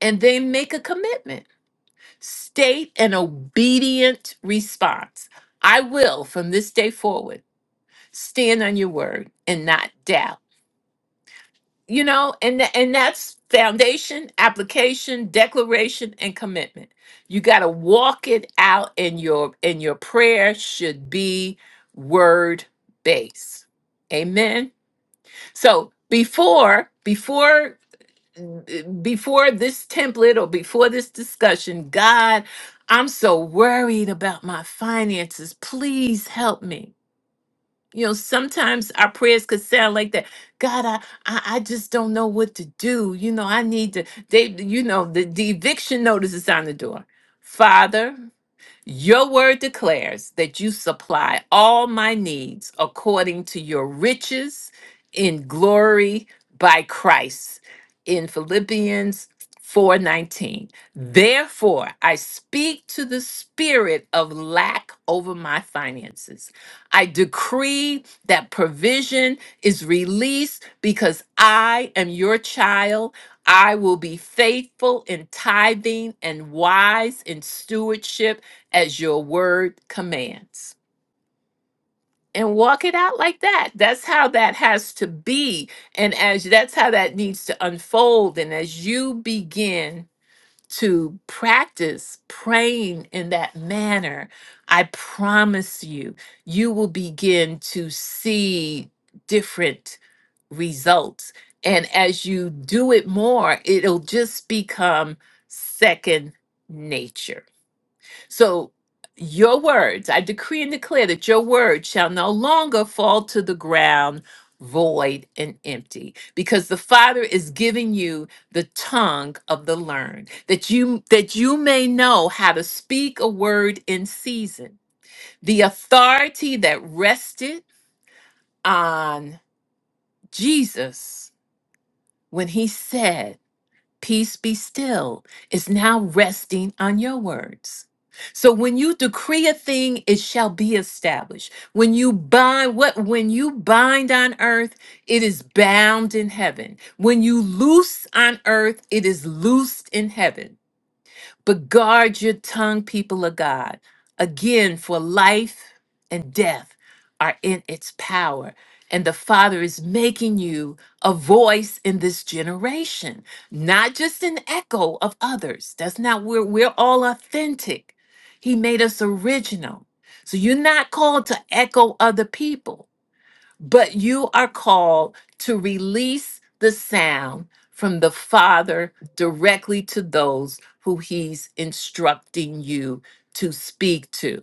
Speaker 1: And then make a commitment, state an obedient response. I will from this day forward stand on your word and not doubt you know and tha- and that's foundation application declaration and commitment you got to walk it out in your and your prayer should be word based amen so before before before this template or before this discussion god i'm so worried about my finances please help me you know, sometimes our prayers could sound like that. God, I, I, I just don't know what to do. You know, I need to. They, you know, the, the eviction notice is on the door. Father, your word declares that you supply all my needs according to your riches in glory by Christ in Philippians 4:19. Therefore, I speak to the spirit of lack over my finances. I decree that provision is released because I am your child I will be faithful in tithing and wise in stewardship as your word commands and walk it out like that that's how that has to be and as that's how that needs to unfold and as you begin to practice praying in that manner i promise you you will begin to see different results and as you do it more it'll just become second nature so your words, I decree and declare that your word shall no longer fall to the ground void and empty because the father is giving you the tongue of the learned that you that you may know how to speak a word in season the authority that rested on jesus when he said peace be still is now resting on your words. So when you decree a thing, it shall be established. When you bind what when you bind on earth, it is bound in heaven. When you loose on earth, it is loosed in heaven. But guard your tongue, people of God. Again, for life and death are in its power. And the Father is making you a voice in this generation, not just an echo of others. That's not where we're all authentic. He made us original. So you're not called to echo other people but you are called to release the sound from the Father directly to those who He's instructing you to speak to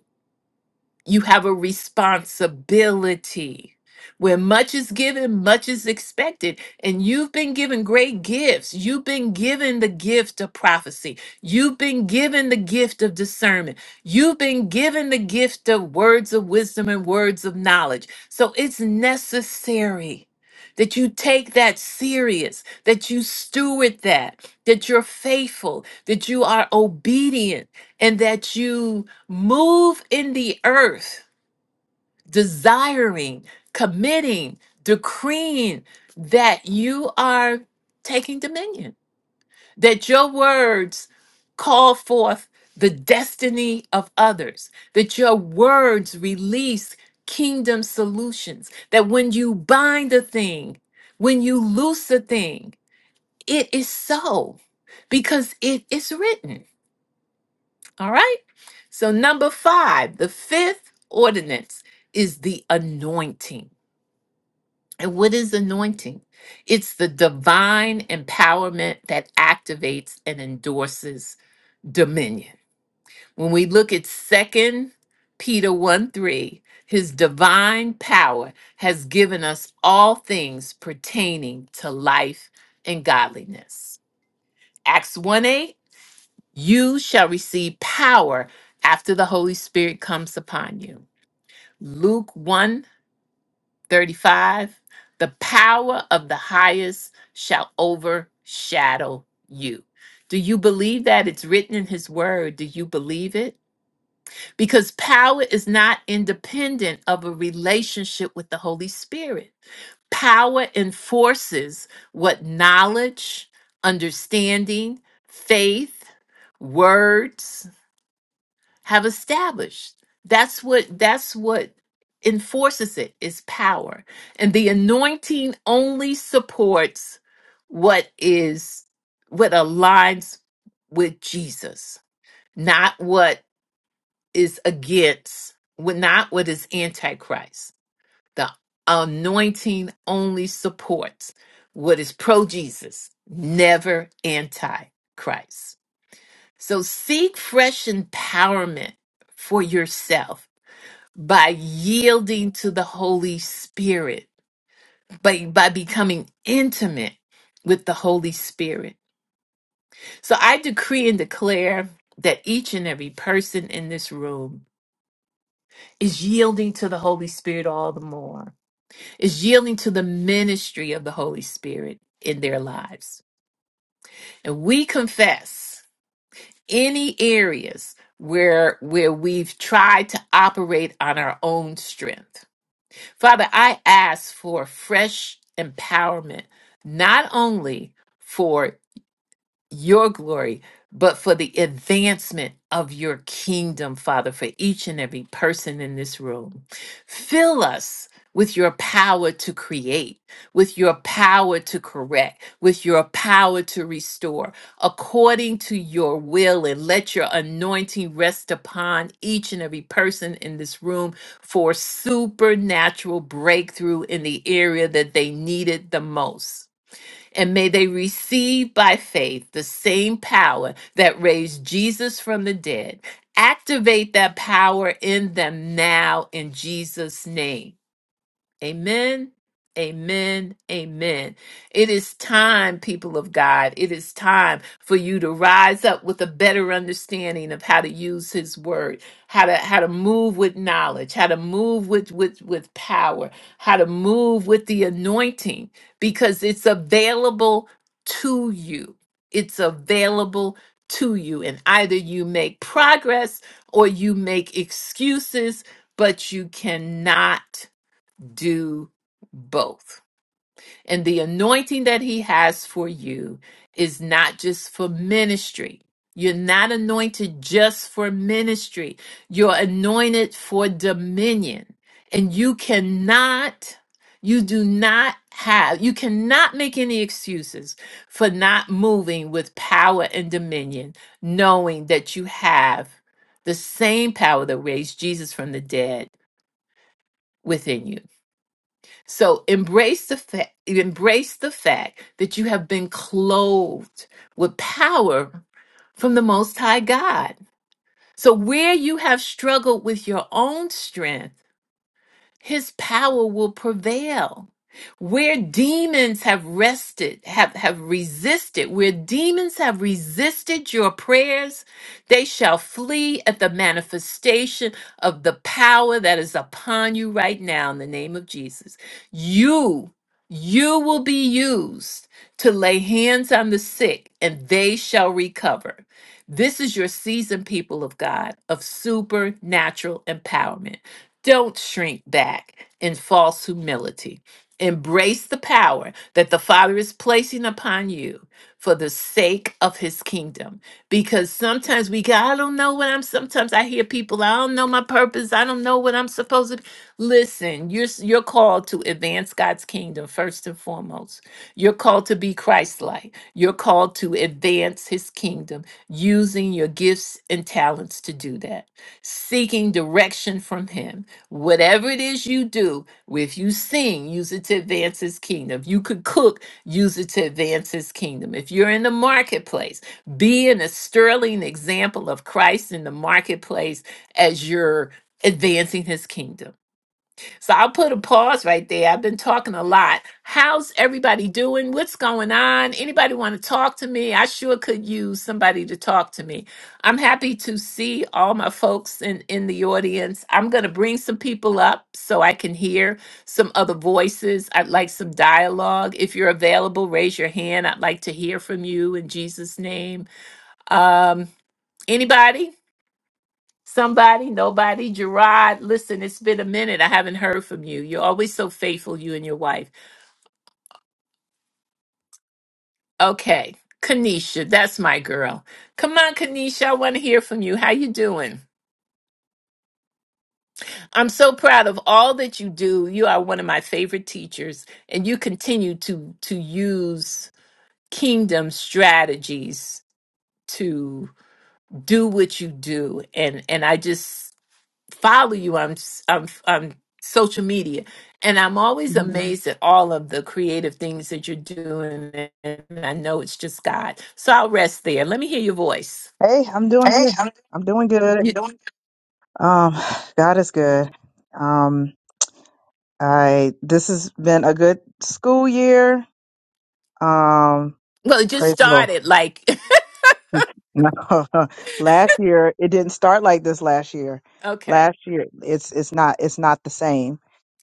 Speaker 1: you have a responsibility. Where much is given, much is expected. And you've been given great gifts. You've been given the gift of prophecy. You've been given the gift of discernment. You've been given the gift of words of wisdom and words of knowledge. So it's necessary that you take that serious, that you steward that, that you're faithful, that you are obedient and that you move in the earth, desiring, committing, decreeing that you are taking dominion, that your words call forth the destiny of others, that your words release kingdom solutions, that when you bind a thing, when you loose a thing, it is so because it is written. All right. So, number five, the fifth ordinance is the anointing. And what is anointing? It's the divine empowerment that activates and endorses dominion. When we look at Second Peter 1 3, his divine power has given us all things pertaining to life and godliness. Acts 1 8, You shall receive power after the Holy Spirit comes upon you. Luke one 35, The power of the highest shall overshadow you. Do you believe that it's written in his word? Do you believe it? Because power is not independent of a relationship with the Holy Spirit. Power enforces what knowledge, understanding, faith, words, have established. That's what that's what enforces it is power. And the anointing only supports what is what aligns with Jesus, not what is against, what- not what is antichrist. The anointing only supports what is pro Jesus, never anti Christ. So seek fresh empowerment for yourself by yielding to the Holy Spirit, by, by becoming intimate with the Holy Spirit. So I decree and declare that each and every person in this room is yielding to the Holy Spirit all the more, is yielding to the ministry of the Holy Spirit in their lives. And we confess any areas where where we've tried to operate on our own strength Father, I ask for fresh empowerment, not only for your glory, but for the advancement of your kingdom, Father, for each and every person in this room. Fill us with your power to create, with your power to correct, with your power to restore, according to your will, and let your anointing rest upon each and every person in this room for supernatural breakthrough in the area that they need it the most and may they receive by faith the same power that raised Jesus from the dead. Activate that power in them now in Jesus' name. Amen. Amen. Amen. It is time, people of God. It is time for you to rise up with a better understanding of how to use his word, how to how to move with knowledge, how to move with with with power, how to move with the anointing because it's available to you. It's available to you and either you make progress or you make excuses, but you cannot do both. And the anointing that he has for you is not just for ministry. You're not anointed just for ministry. You're anointed for dominion. And you cannot, you do not have, you cannot make any excuses for not moving with power and dominion, knowing that you have the same power that raised Jesus from the dead within you. So embrace the fact embrace the fact that you have been clothed with power from the most high God. So where you have struggled with your own strength, his power will prevail. Where demons have rested, have, have resisted, where demons have resisted your prayers, they shall flee at the manifestation of the power that is upon you right now in the name of Jesus. You, you will be used to lay hands on the sick and they shall recover. This is your season, people of God, of supernatural empowerment. Don't shrink back in false humility. Embrace the power that the Father is placing upon you for the sake of his kingdom. Because sometimes we go, I don't know what I'm sometimes I hear people, I don't know my purpose. I don't know what I'm supposed to be." listen. You're s- you're called to advance God's kingdom first and foremost. You're called to be Christ-like. You're called to advance his kingdom using your gifts and talents to do that seeking direction from Him Whatever it is you do, if you sing, use it to advance his kingdom. If you could cook, use it to advance his kingdom. If you're in the marketplace, be in a sterling example of Christ in the marketplace as you're advancing his kingdom. So I'll put a pause right there. I've been talking a lot. How's everybody doing? What's going on? Anybody want to talk to me? I sure could use somebody to talk to me. I'm happy to see all my folks in, in the audience. I'm going to bring some people up so I can hear some other voices. I'd like some dialogue. If you're available, raise your hand. I'd like to hear from you in Jesus' name. Um, anybody? Somebody, nobody, Gerard. Listen, it's been a minute. I haven't heard from you. You're always so faithful, you and your wife. Okay, Kanisha, that's my girl. Come on, Kanisha, I want to hear from you. How you doing? I'm so proud of all that you do. You are one of my favorite teachers, and you continue to to use kingdom strategies to do what you do. And and I just follow you on s- on on social media, and I'm always
Speaker 2: Mhm.
Speaker 1: amazed at all of the creative things that you're doing. And I know it's just God. So I'll rest there. Let me hear your voice.
Speaker 2: Hey, I'm doing
Speaker 1: Hey,
Speaker 2: good.
Speaker 1: I'm
Speaker 2: I'm doing good.
Speaker 1: You, doing
Speaker 2: Um, God is good. Um, I this has been a good school year. Um,
Speaker 1: well, it just
Speaker 2: praise the Lord.
Speaker 1: started. Like
Speaker 2: [LAUGHS] No, [LAUGHS] last year it didn't start like this. Last year,
Speaker 1: [LAUGHS] okay,
Speaker 2: last year it's it's not it's not the same.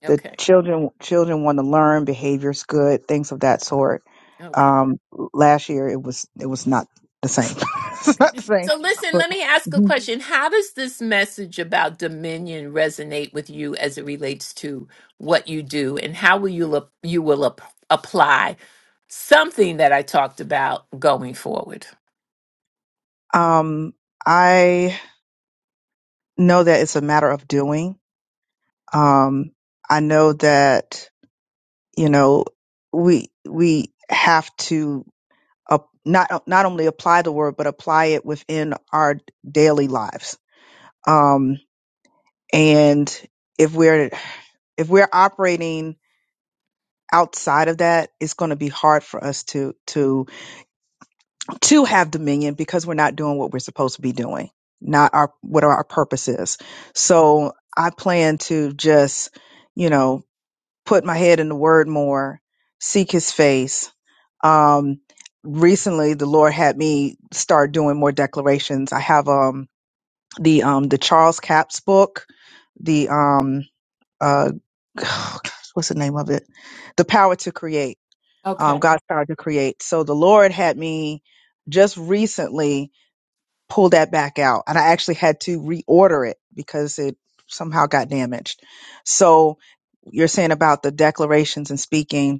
Speaker 2: The
Speaker 1: okay,
Speaker 2: children children want to learn behaviors, good things of that sort.
Speaker 1: okay.
Speaker 2: Um, last year it was it was not the same. [LAUGHS] it's
Speaker 1: Okay.
Speaker 2: not the same.
Speaker 1: So listen,
Speaker 2: But
Speaker 1: let me ask a
Speaker 2: mhm.
Speaker 1: question. How does this message about dominion resonate with you as it relates to what you do and how will you look, you will ap- apply something that I talked about going forward?
Speaker 2: um, I. know that it's a matter of doing. Um, I know that you know we we have to uh, not not only apply the word but apply it within our daily lives. Um, and if we're if we're operating outside of that, it's going to be hard for us to to to have dominion because we're not doing what we're supposed to be doing, not our what our purpose is. So I plan to just you know put my head in the word more, seek his face. Um, recently the Lord had me start doing more declarations. I have, um, the, um, the Charles Capps book, the, um, uh, [SIGHS] gosh, what's the name of it? The Power to Create, um,
Speaker 1: Okay.
Speaker 2: God's Power to Create. So the Lord had me just recently pull that back out, and I actually had to reorder it because it somehow got damaged. So you're saying about the declarations and speaking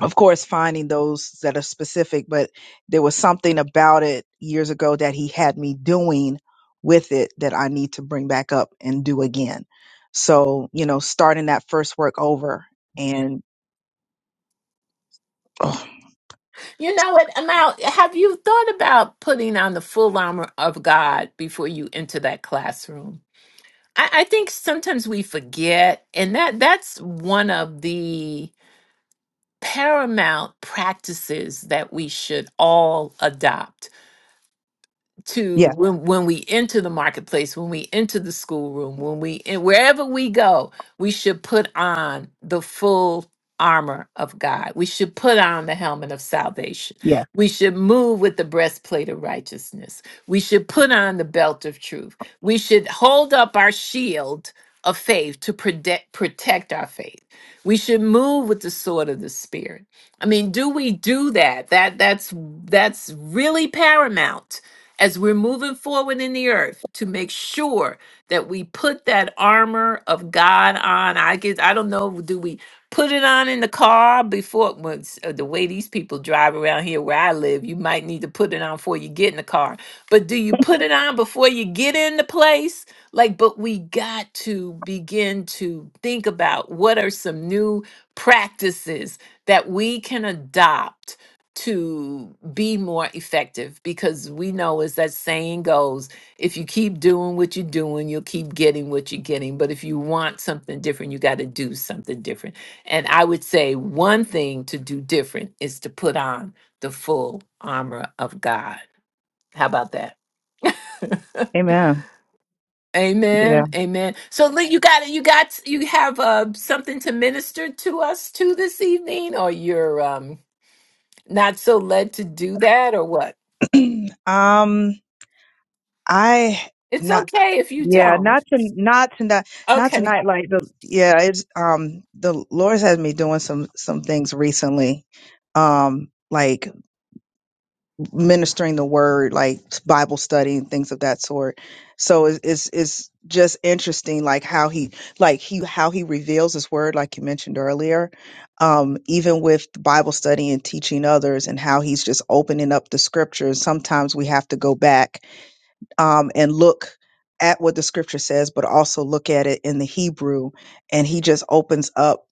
Speaker 2: of course finding those that are specific but there was something about it years ago that he had me doing with it that i need to bring back up and do again so you know starting that first work over and oh,
Speaker 1: You know what? Now, have you thought about putting on the full armor of God before you enter that classroom? I, I think sometimes we forget, and that that's one of the paramount practices that we should all adopt to
Speaker 2: yeah
Speaker 1: when when we enter the marketplace, when we enter the schoolroom, when we and wherever we go, we should put on the full armor of God. We should put on the helmet of salvation.
Speaker 2: yeah
Speaker 1: We should move with the breastplate of righteousness. We should put on the belt of truth. We should hold up our shield of faith to protect protect our faith. We should move with the sword of the spirit. I mean, do we do that? That that's that's really paramount as we're moving forward in the earth to make sure that we put that armor of God on. I guess I don't know. Do we put it on in the car before? Well, s- uh, the way these people drive around here where I live, you might need to put it on before you get in the car. But do you put it on before you get in the place? Like, but we got to begin to think about what are some new practices that we can adopt to be more effective because we know as that saying goes if you keep doing what you're doing you'll keep getting what you're getting but if you want something different you got to do something different and i would say one thing to do different is to put on the full armor of god how about that [LAUGHS]
Speaker 2: amen yeah
Speaker 1: amen amen so Lee, you got you got you have uh something to minister to us to this evening or you're um not so led to do that or what
Speaker 2: [CLEARS THROAT] um, I
Speaker 1: It's
Speaker 2: not
Speaker 1: okay if you
Speaker 2: yeah
Speaker 1: don't.
Speaker 2: not to not to tonight not
Speaker 1: Okay,
Speaker 2: tonight like the yeah it's um the Lord's has me doing some some things recently, um like ministering the word like Bible study and things of that sort. So it's it's, it's just interesting like how he like he how he reveals his word like you mentioned earlier um even with the bible study and teaching others and how he's just opening up the scriptures sometimes we have to go back um, and look at what the scripture says, but also look at it in the Hebrew. And he just opens up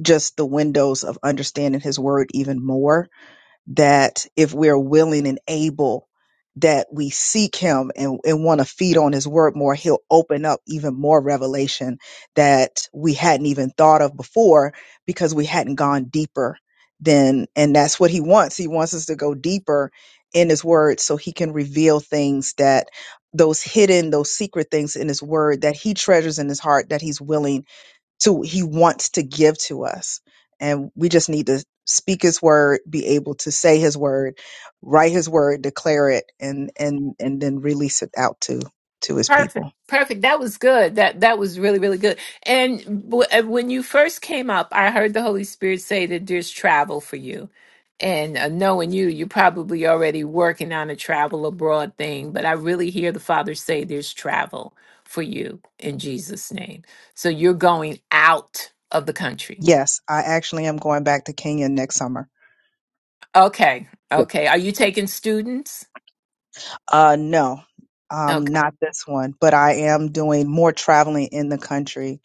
Speaker 2: just the windows of understanding his word even more that if we're willing and able that we seek him and, and want to feed on his word more he'll open up even more revelation that we hadn't even thought of before because we hadn't gone deeper than and that's what he wants he wants us to go deeper in his word so he can reveal things that those hidden those secret things in his word that he treasures in his heart that he's willing to he wants to give to us and we just need to speak his word be able to say his word write his word declare it and and and then release it out to to his
Speaker 1: perfect,
Speaker 2: people
Speaker 1: perfect. That was good. That that was really really good. And w- uh, when you first came up, I heard the Holy Spirit say that there's travel for you. And uh, knowing you, you're probably already working on a travel abroad thing. But I really hear the Father say there's travel for you in Jesus' name. So you're going out of the country.
Speaker 2: yes i actually am going back to kenya next summer
Speaker 1: Okay,
Speaker 2: yeah.
Speaker 1: okay. Are you taking students?
Speaker 2: uh no
Speaker 1: Okay.
Speaker 2: um not this one but i am doing more traveling in the country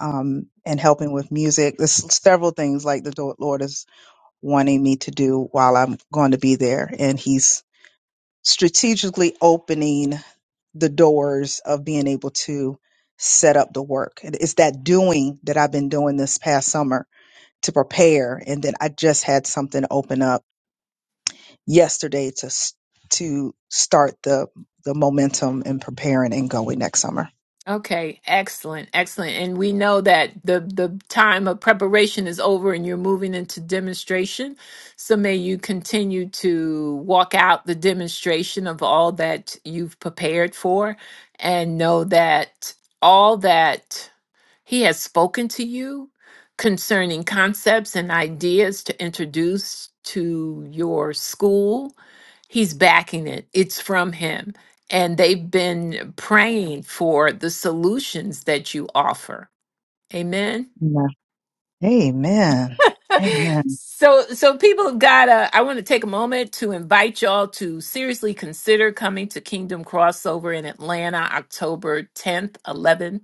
Speaker 2: um and helping with music there's several things like the lord is wanting me to do while i'm going to be there and he's strategically opening the doors of being able to set up the work. And it's that doing that I've been doing this past summer to prepare. And then I just had something open up yesterday to s- to start the the momentum and preparing and going next summer.
Speaker 1: Okay, excellent, excellent. And we know that the the time of preparation is over and you're moving into demonstration. So may you continue to walk out the demonstration of all that you've prepared for and know that all that he has spoken to you concerning concepts and ideas to introduce to your school. He's backing it, it's from him. And they've been praying for the solutions that you offer. Amen.
Speaker 2: Yeah. Amen. Amen.
Speaker 1: [LAUGHS] so so people have got to i want to take a moment to invite y'all to seriously consider coming to kingdom crossover in atlanta october 10th 11th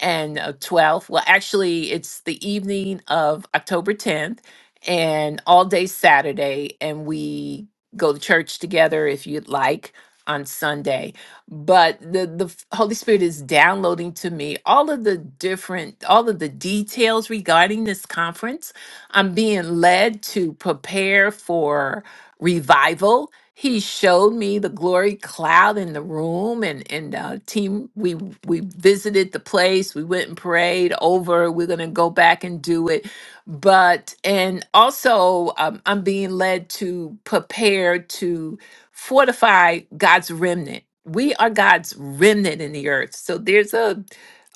Speaker 1: and uh, 12th. Well, actually, it's the evening of October 10th and all day Saturday. And we go to church together if you'd like on Sunday. But the, the f- Holy Spirit is downloading to me all of the different, all of the details regarding this conference. I'm being led to prepare for revival he showed me the glory cloud in the room and and uh team we we visited the place we went and prayed over we're gonna go back and do it but and also um, i'm being led to prepare to fortify god's remnant we are god's remnant in the earth so there's a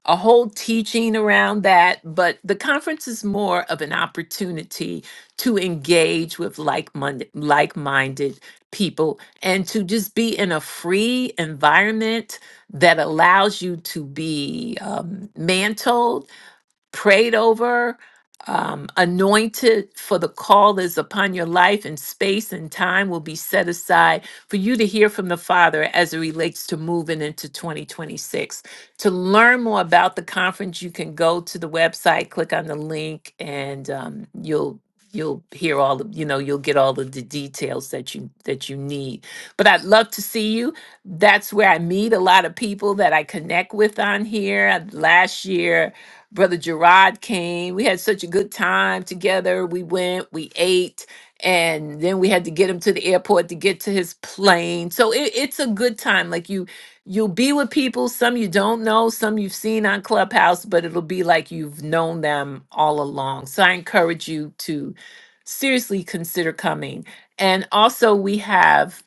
Speaker 1: a whole teaching around that but the conference is more of an opportunity to engage with like-minded like-minded people and to just be in a free environment that allows you to be um, mantled prayed over, um, anointed for the call that is upon your life, and space and time will be set aside for you to hear from the Father as it relates to moving into 2026. To learn more about the conference, you can go to the website, click on the link, and um, you'll you'll hear all of you know you'll get all of the details that you that you need but i'd love to see you that's where i meet a lot of people that i connect with on here last year Brother Gerard came. We had such a good time together. We went, we ate, and then we had to get him to the airport to get to his plane. So it, it's a good time. Like you, you'll be with people. Some you don't know, some you've seen on Clubhouse, but it'll be like you've known them all along. So I encourage you to seriously consider coming. And also, we have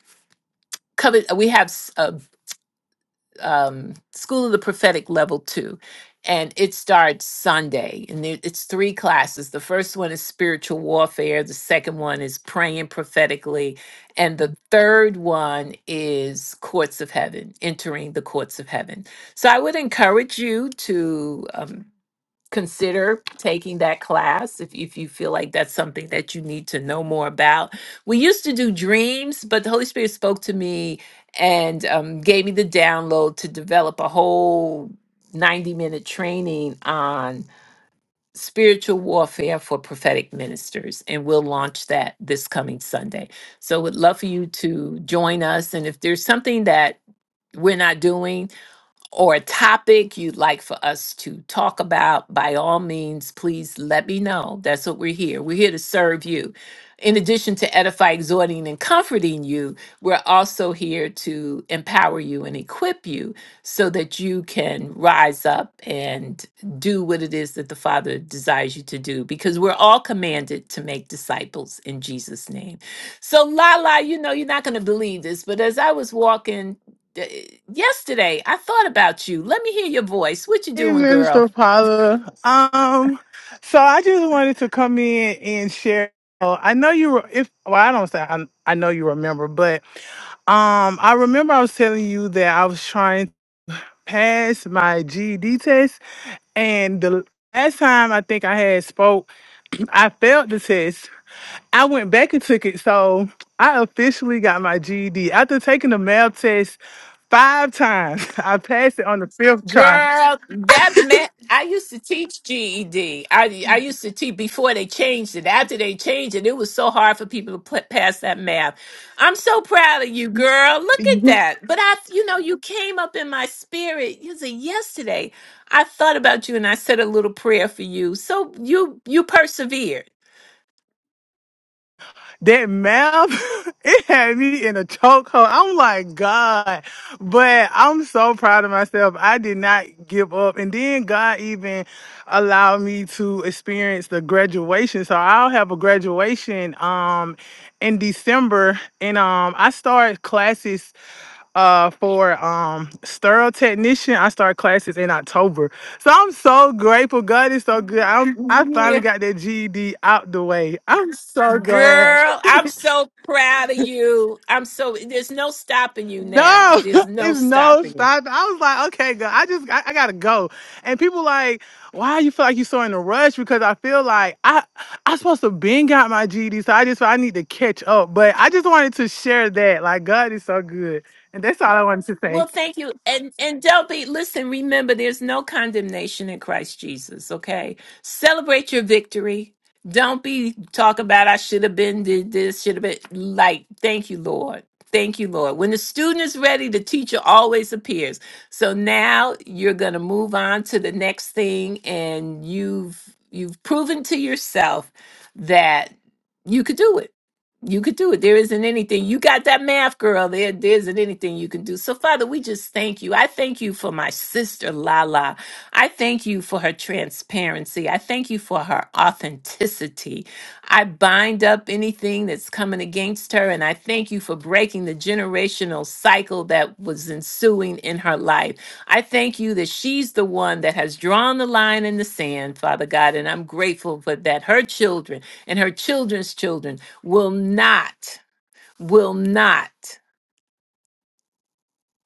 Speaker 1: covered. We have s- a um, School of the Prophetic Level 2. And it starts Sunday. And there- it's three classes. The first one is spiritual warfare, the second one is praying prophetically, and the third one is courts of heaven, entering the courts of heaven. So I would encourage you to. um, consider taking that class if, if you feel like that's something that you need to know more about. We used to do dreams, but the Holy Spirit spoke to me and um, gave me the download to develop a whole 90 minute training on spiritual warfare for prophetic ministers and we'll launch that this coming sunday so would love for you to join us and if there's something that we're not doing or a topic you'd like for us to talk about, by all means, please let me know. That's what we're here. We're here to serve you. In addition to edify, exhorting, and comforting you, we're also here to empower you and equip you so that you can rise up and do what it is that the Father desires you to do, because we're all commanded to make disciples in Jesus' name. So, Lala, you know, you're not going to believe this, but as I was walking d- yesterday I thought about you. Let me hear your voice. What you
Speaker 3: Hey,
Speaker 1: doing, girl?
Speaker 3: Minister Paula. Um, so I just wanted to come in and share. oh, I know you were, if, well, I don't say I, I know you remember, but um, I remember I was telling you that I was trying to pass my GED test. And the last time I think I had spoke, I failed the test. I went back and took it. So I officially got my GED. After taking the math test five times, [LAUGHS] I passed it on the fifth try.
Speaker 1: Girl, that meant I used to teach GED. I I used to teach before they changed it. After they changed it, it was so hard for people to put past that math. I'm so proud of you, girl. Look at that. But I, you know, you came up in my spirit. You said yesterday, I thought about you and I said a little prayer for you. So you you persevered.
Speaker 3: That map, [LAUGHS] it had me in a chokehold. I'm like, God. But I'm so proud of myself. I did not give up. And then God even allowed me to experience the graduation. So I'll have a graduation um in December. And um I start classes uh for um sterile technician. I start classes in October. So I'm so grateful. God is so good. I'm I
Speaker 1: Yeah.
Speaker 3: finally got that GED out the way. I'm so glad.
Speaker 1: Girl, I'm so proud of you. I'm so there's no stopping you now.
Speaker 3: No,
Speaker 1: There's
Speaker 3: [LAUGHS]
Speaker 1: no
Speaker 3: it's no
Speaker 1: stopping you.
Speaker 3: stop. I was like, okay, girl, I just I, I gotta go. And people like, why you feel like you're so in a rush? Because I feel like I I supposed to been got my GD, so I just I need to catch up. But I just wanted to share that. Like God is so good. And that's all I wanted to
Speaker 1: Well,
Speaker 3: say.
Speaker 1: thank you. And and Delby, listen, remember there's no condemnation in Christ Jesus, okay? Celebrate your victory. Don't be talk about I should have been did this, should have been like, thank you, Lord. Thank you, Lord. When the student is ready, the teacher always appears. So now you're gonna move on to the next thing, and you've you've proven to yourself that you could do it you could do it. There isn't anything. You got that math, girl. There, there isn't anything you can do. So, Father, we just thank you. I thank you for my sister, Lala. I thank you for her transparency. I thank you for her authenticity. I bind up anything that's coming against her, and I thank you for breaking the generational cycle that was ensuing in her life. I thank you that she's the one that has drawn the line in the sand, Father God, and I'm grateful for that. Her children and her children's children will not will not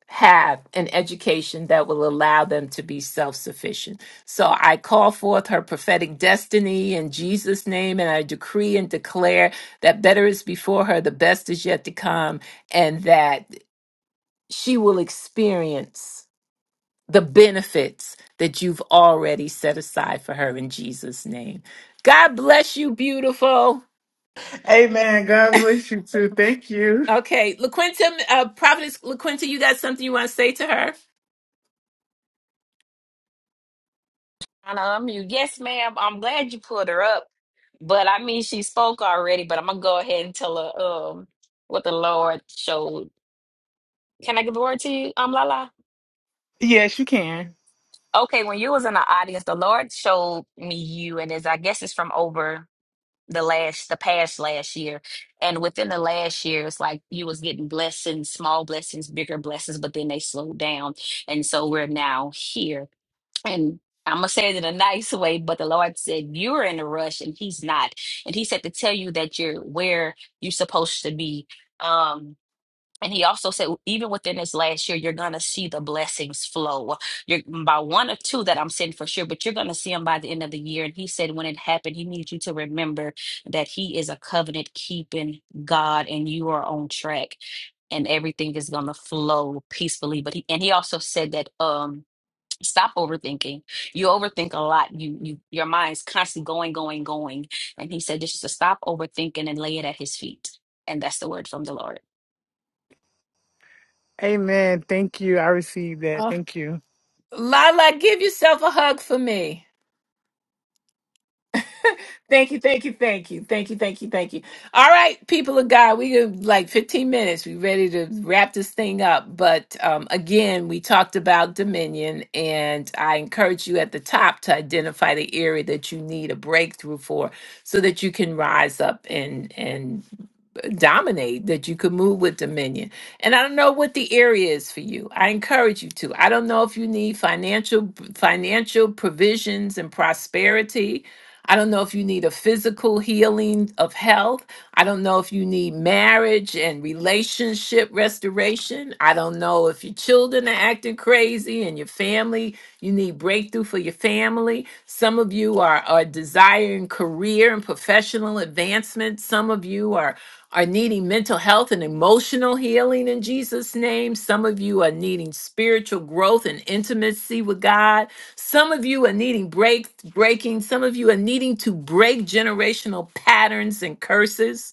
Speaker 1: have an education that will allow them to be self-sufficient. So I call forth her prophetic destiny in Jesus name and I decree and declare that better is before her, the best is yet to come and that she will experience the benefits that you've already set aside for her in Jesus name. God bless you beautiful.
Speaker 3: Amen. God bless you too. Thank you.
Speaker 1: Okay, LaQuinta, uh, Providence LaQuinta, you got something you want to say to her?
Speaker 4: trying to unmute. Yes, ma'am. I'm glad you pulled her up. But I mean, she spoke already, but I'm going to go ahead and tell her um, what the Lord showed. Can I give the word to you, um, Lala?
Speaker 3: Yes, you can.
Speaker 4: Okay, when you was in the audience, the Lord showed me you, and as I guess it's from over the last, the past last year, and within the last year, it's like you was getting blessings, small blessings, bigger blessings, but then they slowed down, and so we're now here and I'm gonna say it in a nice way, but the Lord said you're in a rush and He's not, and He said to tell you that you're where you're supposed to be. Um, and He also said even within this last year, you're gonna see the blessings flow. You're mm, by one or two that I'm saying for sure, but you're gonna see them by the end of the year. And He said when it happened, He needs you to remember that He is a covenant keeping God, and you are on track, and everything is gonna flow peacefully. But He and He also said that um stop overthinking you overthink a lot you you your mind's constantly going going going and he said just to stop overthinking and lay it at his feet and that's the word from the lord
Speaker 3: Amen. Thank you. I received that.
Speaker 1: Oh,
Speaker 3: Thank you.
Speaker 1: Lala, give yourself a hug for me. Thank you, thank you, thank you, thank you, thank you, thank you. All right, people of God, we got like 15 minutes. We ready to wrap this thing up. But um, again, we talked about dominion, and I encourage you at the top to identify the area that you need a breakthrough for, so that you can rise up and and dominate, that you could move with dominion. And I don't know what the area is for you. I encourage you to. I don't know if you need financial financial provisions and prosperity. I don't know if you need a physical healing of health. I don't know if you need marriage and relationship restoration. I don't know if your children are acting crazy and your family, you need breakthrough for your family. Some of you are, are desiring career and professional advancement. Some of you are are needing mental health and emotional healing in Jesus' name. Some of you are needing spiritual growth and intimacy with God. Some of you are needing break breaking. Some of you are needing to break generational patterns and curses.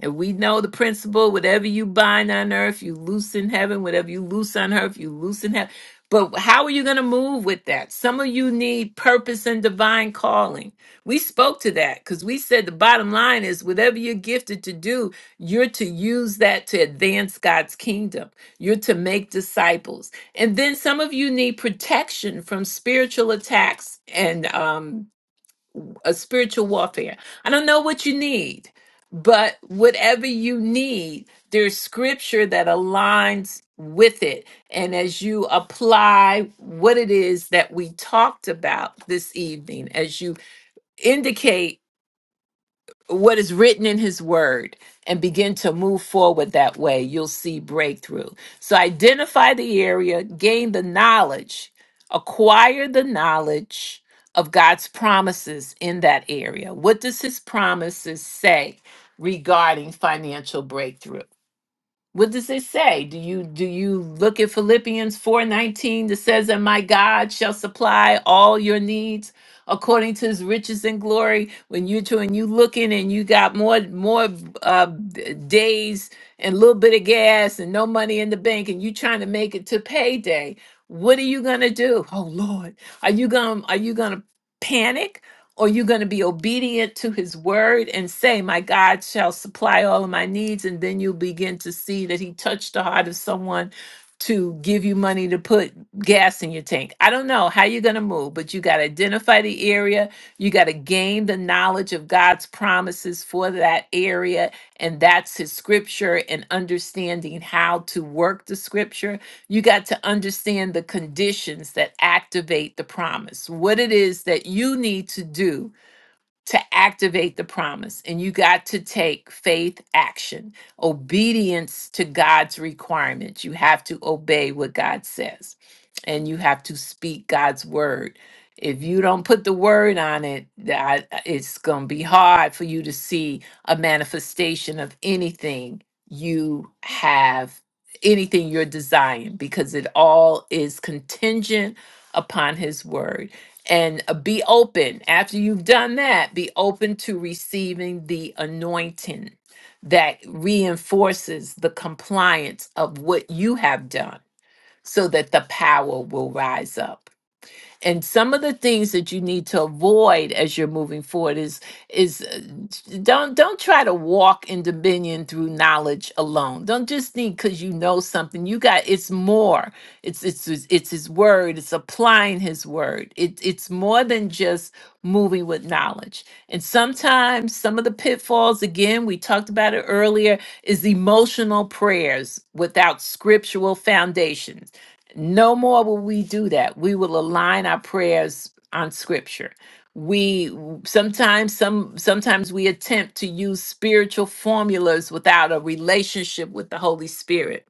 Speaker 1: And we know the principle whatever you bind on earth, you loose in heaven. Whatever you loose on earth, you loose in heaven. But how are you going to move with that? Some of you need purpose and divine calling. We spoke to that because we said the bottom line is whatever you're gifted to do, you're to use that to advance God's kingdom. You're to make disciples. And then some of you need protection from spiritual attacks and um, a spiritual warfare. I don't know what you need, but whatever you need, there's scripture that aligns with it. And as you apply what it is that we talked about this evening, as you indicate what is written in his word and begin to move forward that way, you'll see breakthrough. So identify the area, gain the knowledge, acquire the knowledge of God's promises in that area. What does his promises say regarding financial breakthrough? What does it say? Do you do you look at Philippians 4:19 that says that my God shall supply all your needs according to his riches and glory when you to when you looking and you got more more uh, d- days and a little bit of gas and no money in the bank and you trying to make it to payday what are you going to do oh lord are you going to are you going to panic or you're going to be obedient to his word and say, My God shall supply all of my needs. And then you'll begin to see that he touched the heart of someone to give you money to put gas in your tank. I don't know how you're going to move, but you got to identify the area. You got to gain the knowledge of God's promises for that area. And that's his scripture and understanding how to work the scripture you got to understand the conditions that activate the promise, what it is that you need to do to activate the promise and you got to take faith action obedience to god's requirements you have to obey what god says and you have to speak god's word if you don't put the word on it that it's going to be hard for you to see a manifestation of anything you have anything you're desiring because it all is contingent upon his word and uh, be open after you've done that be open to receiving the anointing that reinforces the compliance of what you have done so that the power will rise up and some of the things that you need to avoid as you're moving forward is is uh, t- don't don't try to walk in dominion through knowledge alone don't just think because you know something you got it's more it's it's it's it's his word it's applying his word it, it's more than just moving with knowledge and sometimes some of the pitfalls again we talked about it earlier is emotional prayers without scriptural foundations no more will we do that. We will align our prayers on scripture. We sometimes some sometimes we attempt to use spiritual formulas without a relationship with the Holy Spirit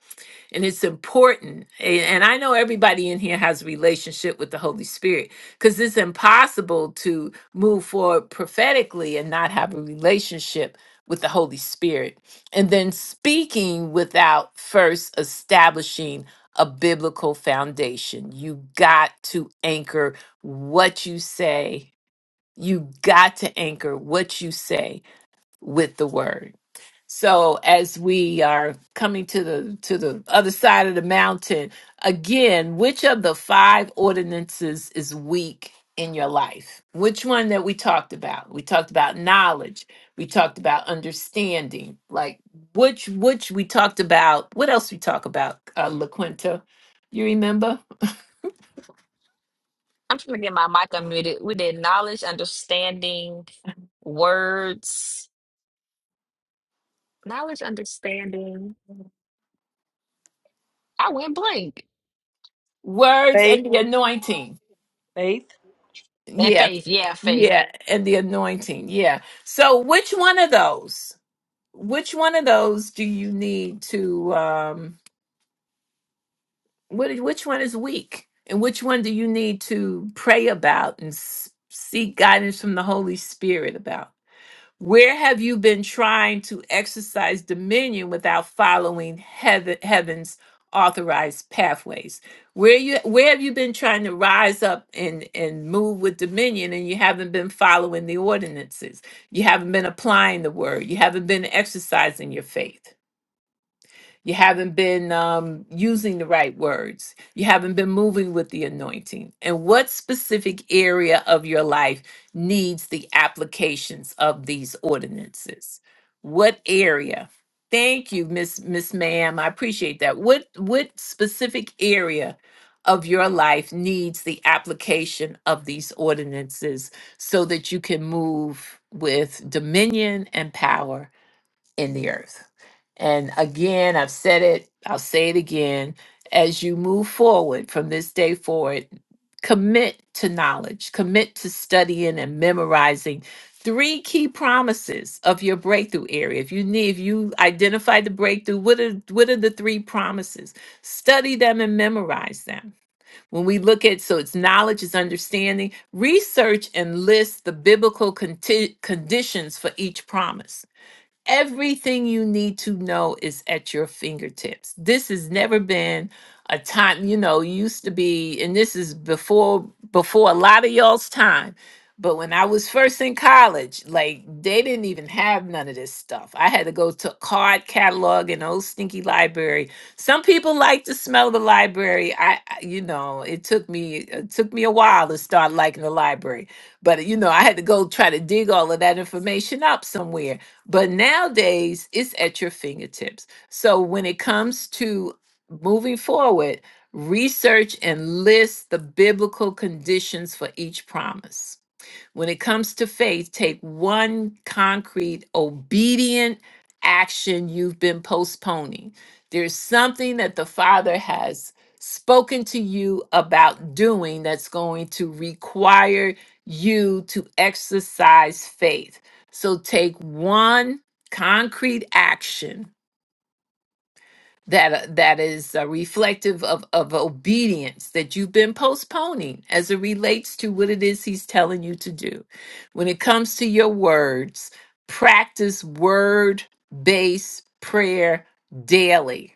Speaker 1: and it's important a- and i know everybody in here has a relationship with the holy spirit because it's impossible to move forward prophetically and not have a relationship with the holy spirit and then speaking without first establishing a biblical foundation you got to anchor what you say you got to anchor what you say with the word so as we are coming to the to the other side of the mountain, again, which of the five ordinances is weak in your life? Which one that we talked about? We talked about knowledge. We talked about understanding. Like which which we talked about. What else we talk about? Uh, LaQuinta, you remember?
Speaker 4: I'm trying to get my mic unmuted. We did knowledge, understanding, words, knowledge, understanding. I went blank.
Speaker 1: Words
Speaker 5: Faith,
Speaker 1: and the anointing.
Speaker 5: faith,
Speaker 4: And
Speaker 1: Yes.
Speaker 4: faith, yeah, faith.
Speaker 1: Yeah, and the anointing. Yeah. So which one of those? which one of those do you need to um what which one is weak and which one do you need to pray about and s- seek guidance from the holy spirit about where have you been trying to exercise dominion without following heaven heaven's authorized pathways where you where have you been trying to rise up and and move with dominion and you haven't been following the ordinances you haven't been applying the word you haven't been exercising your faith You haven't been um, using the right words. You haven't been moving with the anointing. And what specific area of your life needs the applications of these ordinances? What area? Thank you, Miss Miss Ma'am. I appreciate that. What what specific area of your life needs the application of these ordinances so that you can move with dominion and power in the earth. And again, I've said it, I'll say it again. As you move forward from this day forward, commit to knowledge, commit to studying and memorizing three key promises of your breakthrough area. If you need, if you identify the breakthrough, what are what are the three promises? Study them and memorize them. When we look at, so it's knowledge, is understanding. Research and list the biblical conti- conditions for each promise Everything you need to know is at your fingertips. This has never been a time, you know, used to be, and this is before before a lot of y'all's time. But when I was first in college, like they didn't even have none of this stuff. I had to go to a card catalog and old stinky library. Some people like to smell the library. I, I- you know, it took me it took me a while to start liking the library. But you know, I had to go try to dig all of that information up somewhere but nowadays, it's at your fingertips. So when it comes to moving forward, research and list the biblical conditions for each promise when it comes to faith, take one concrete, obedient action you've been postponing. There's something that the Father has spoken to you about doing that's going to require you to exercise faith. So take one concrete action that uh, that is uh, reflective of of obedience that you've been postponing as it relates to what it is he's telling you to do when it comes to your words practice word based prayer daily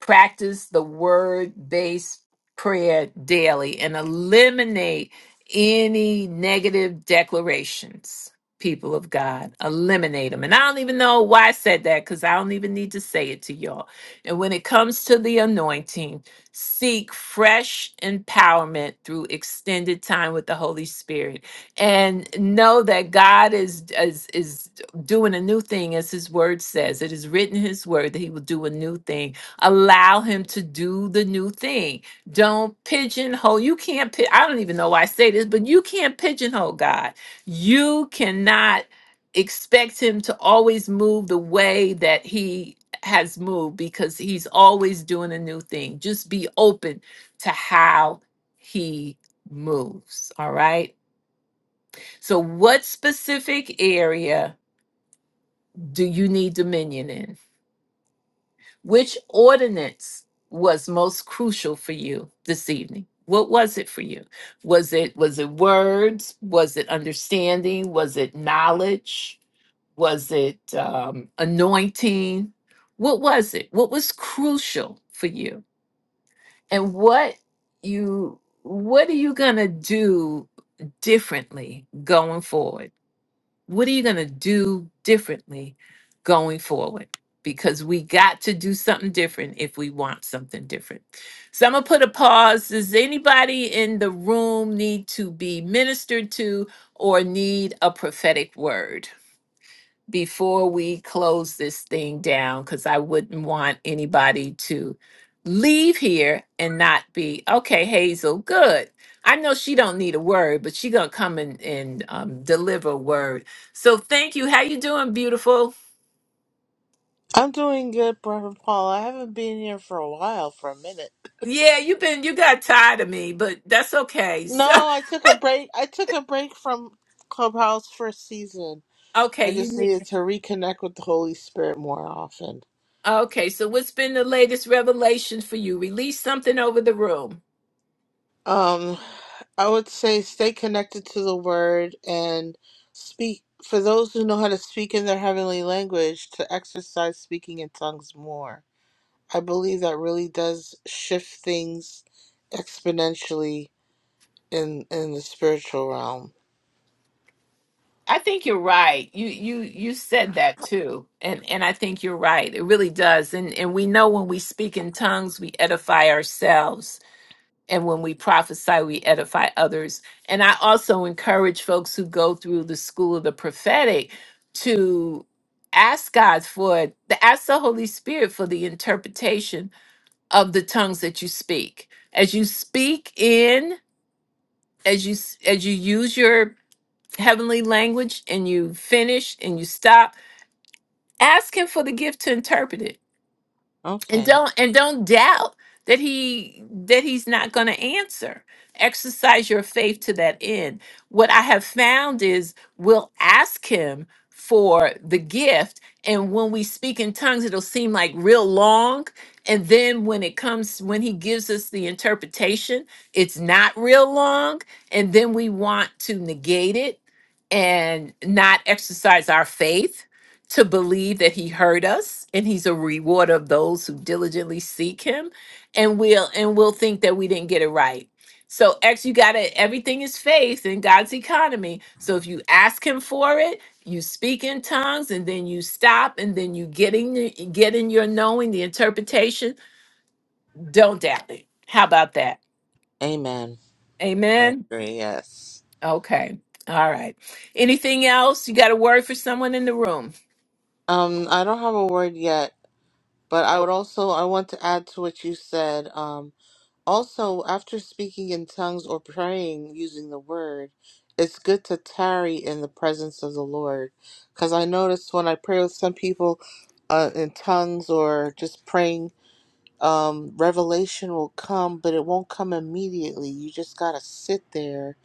Speaker 1: practice the word based prayer daily and eliminate any negative declarations people of god eliminate them and i don't even know why i said that because i don't even need to say it to y'all and when it comes to the anointing seek fresh empowerment through extended time with the holy spirit and know that god is is is doing a new thing as his word says it is written in his word that he will do a new thing allow him to do the new thing don't pigeonhole you can't pi- i don't even know why i say this but you can't pigeonhole god you cannot expect him to always move the way that he has moved because he's always doing a new thing just be open to how he moves all right so what specific area do you need dominion in Which ordinance was most crucial for you this evening? What was it for you? Was it was it words? Was it understanding? Was it knowledge? Was it um, anointing? What was it? What was crucial for you? And what you what are you gonna do differently going forward? What are you going to do differently going forward? Because we got to do something different if we want something different. So I'm going to put a pause. Does anybody in the room need to be ministered to or need a prophetic word? before we close this thing down because I wouldn't want anybody to leave here and not be okay hazel good i know she don't need a word but she gonna come and, and um, deliver a word so thank you how you doing beautiful
Speaker 6: I'm doing good, Brother Paul. I haven't been here for a while, for a minute.
Speaker 1: yeah you've been you got tired of me but that's okay so
Speaker 6: No, I took a break. I took a break from Clubhouse for a season.
Speaker 1: [LAUGHS] okay
Speaker 6: I
Speaker 1: you
Speaker 6: just
Speaker 1: need
Speaker 6: needed to reconnect with the Holy Spirit more often.
Speaker 1: okay so what's been the latest revelation for you release something over the room
Speaker 6: Um, I would say stay connected to the Word and speak. For those who know how to speak in their heavenly language, to exercise speaking in tongues more. I believe that really does shift things exponentially in in the spiritual realm.
Speaker 1: I think you're right. You you you said that too. And and I think you're right. It really does. And and we know when we speak in tongues, we edify ourselves. And when we prophesy, we edify others. And I also encourage folks who go through the school of the prophetic to ask God for the ask the Holy Spirit for the interpretation of the tongues that you speak. As you speak in, as you s- as you use your heavenly language and you finish and you stop, ask Him for the gift to interpret it and
Speaker 6: Okay.
Speaker 1: don't and don't doubt that he that he's not going to answer exercise your faith to that end what i have found is we'll ask him for the gift and when we speak in tongues it'll seem like real long and then when it comes when he gives us the interpretation it's not real long and then we want to negate it and not exercise our faith to believe that he heard us and he's a rewarder of those who diligently seek him and we'll and we'll think that we didn't get it right so x you got it. everything is faith in god's economy so if you ask him for it you speak in tongues and then you stop and then you getting the- getting your knowing the interpretation don't doubt it how about that
Speaker 6: Amen. I
Speaker 1: amen
Speaker 6: agree. Yes.
Speaker 1: okay all right anything else you got a word for someone in the room
Speaker 6: Um, I don't have a word yet, but I
Speaker 1: oh,
Speaker 6: would also I want to add to what you said. Um, also after speaking in tongues or praying using the word, it's good to tarry in the presence of the Lord, because I noticed when I pray with some people, uh, in tongues or just praying, um, revelation will come, but it won't come immediately. You just gotta sit there,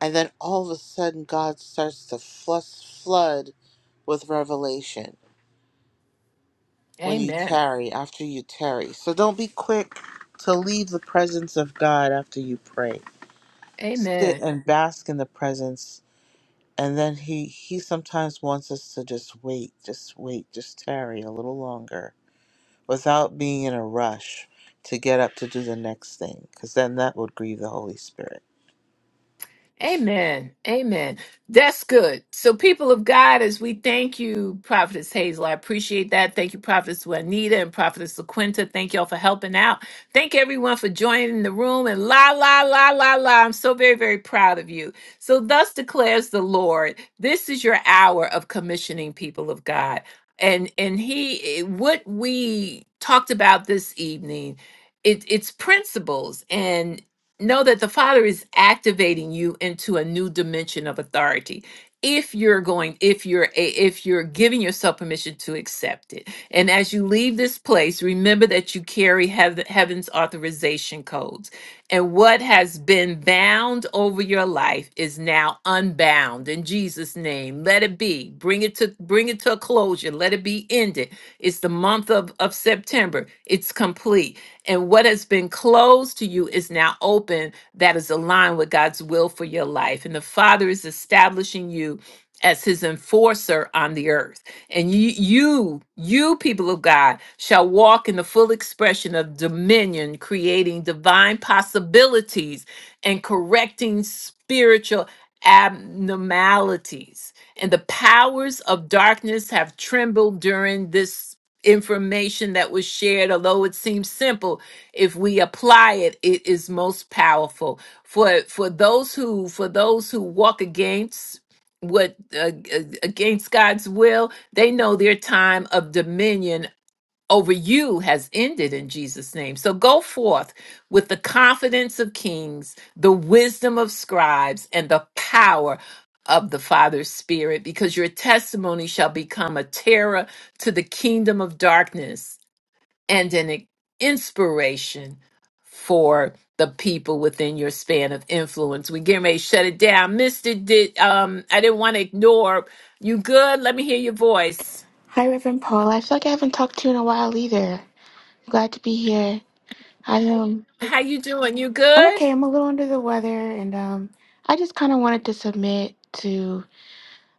Speaker 6: and then all of a sudden God starts to flush flood with revelation when you
Speaker 1: amen
Speaker 6: tarry, after you tarry. So don't be quick to leave the presence of God after you pray.
Speaker 1: amen
Speaker 6: Sit and bask in the presence. And then he, he sometimes wants us to just wait, just wait, just tarry a little longer without being in a rush to get up to do the next thing, because then that would grieve the Holy Spirit.
Speaker 1: Amen. Amen. That's good. So, people of God, as we thank you, Prophetess Hazel, I appreciate that. Thank you, Prophetess Juanita and Prophetess LaQuinta. Thank y'all for helping out. Thank everyone for joining the room. And la, la, la, la, la. I'm so very, very proud of you. So, thus declares the Lord, this is your hour of commissioning people of God. And and he what we talked about this evening, it, it's principles know that the father is activating you into a new dimension of authority if you're going if you're a, if you're giving yourself permission to accept it and as you leave this place remember that you carry heav- heaven's authorization codes and what has been bound over your life is now unbound in jesus name let it be bring it to bring it to a closure let it be ended it's the month of of september it's complete and what has been closed to you is now open, that is aligned with God's will for your life. And the Father is establishing you as his enforcer on the earth. And you, you, you people of God, shall walk in the full expression of dominion, creating divine possibilities and correcting spiritual abnormalities. And the powers of darkness have trembled during this information that was shared, although it seems simple, if we apply it, it is most powerful. For for those who for those who walk against what uh, uh, against God's will, they know their time of dominion over you has ended in Jesus' name. So go forth with the confidence of kings, the wisdom of scribes, and the power of the Father's Spirit, because your testimony shall become a terror to the kingdom of darkness and an inspiration for the people within your span of influence. We getting ready to shut it down. Mister did um I didn't want to ignore you good. Let me hear your voice.
Speaker 7: Hi, Reverend Paul. I feel like I haven't talked to you in a while either. I'm glad to be here. I um,
Speaker 1: How you doing? You
Speaker 7: I'm
Speaker 1: good?
Speaker 7: okay. I'm a little under the weather, and um, I just kind of wanted to submit to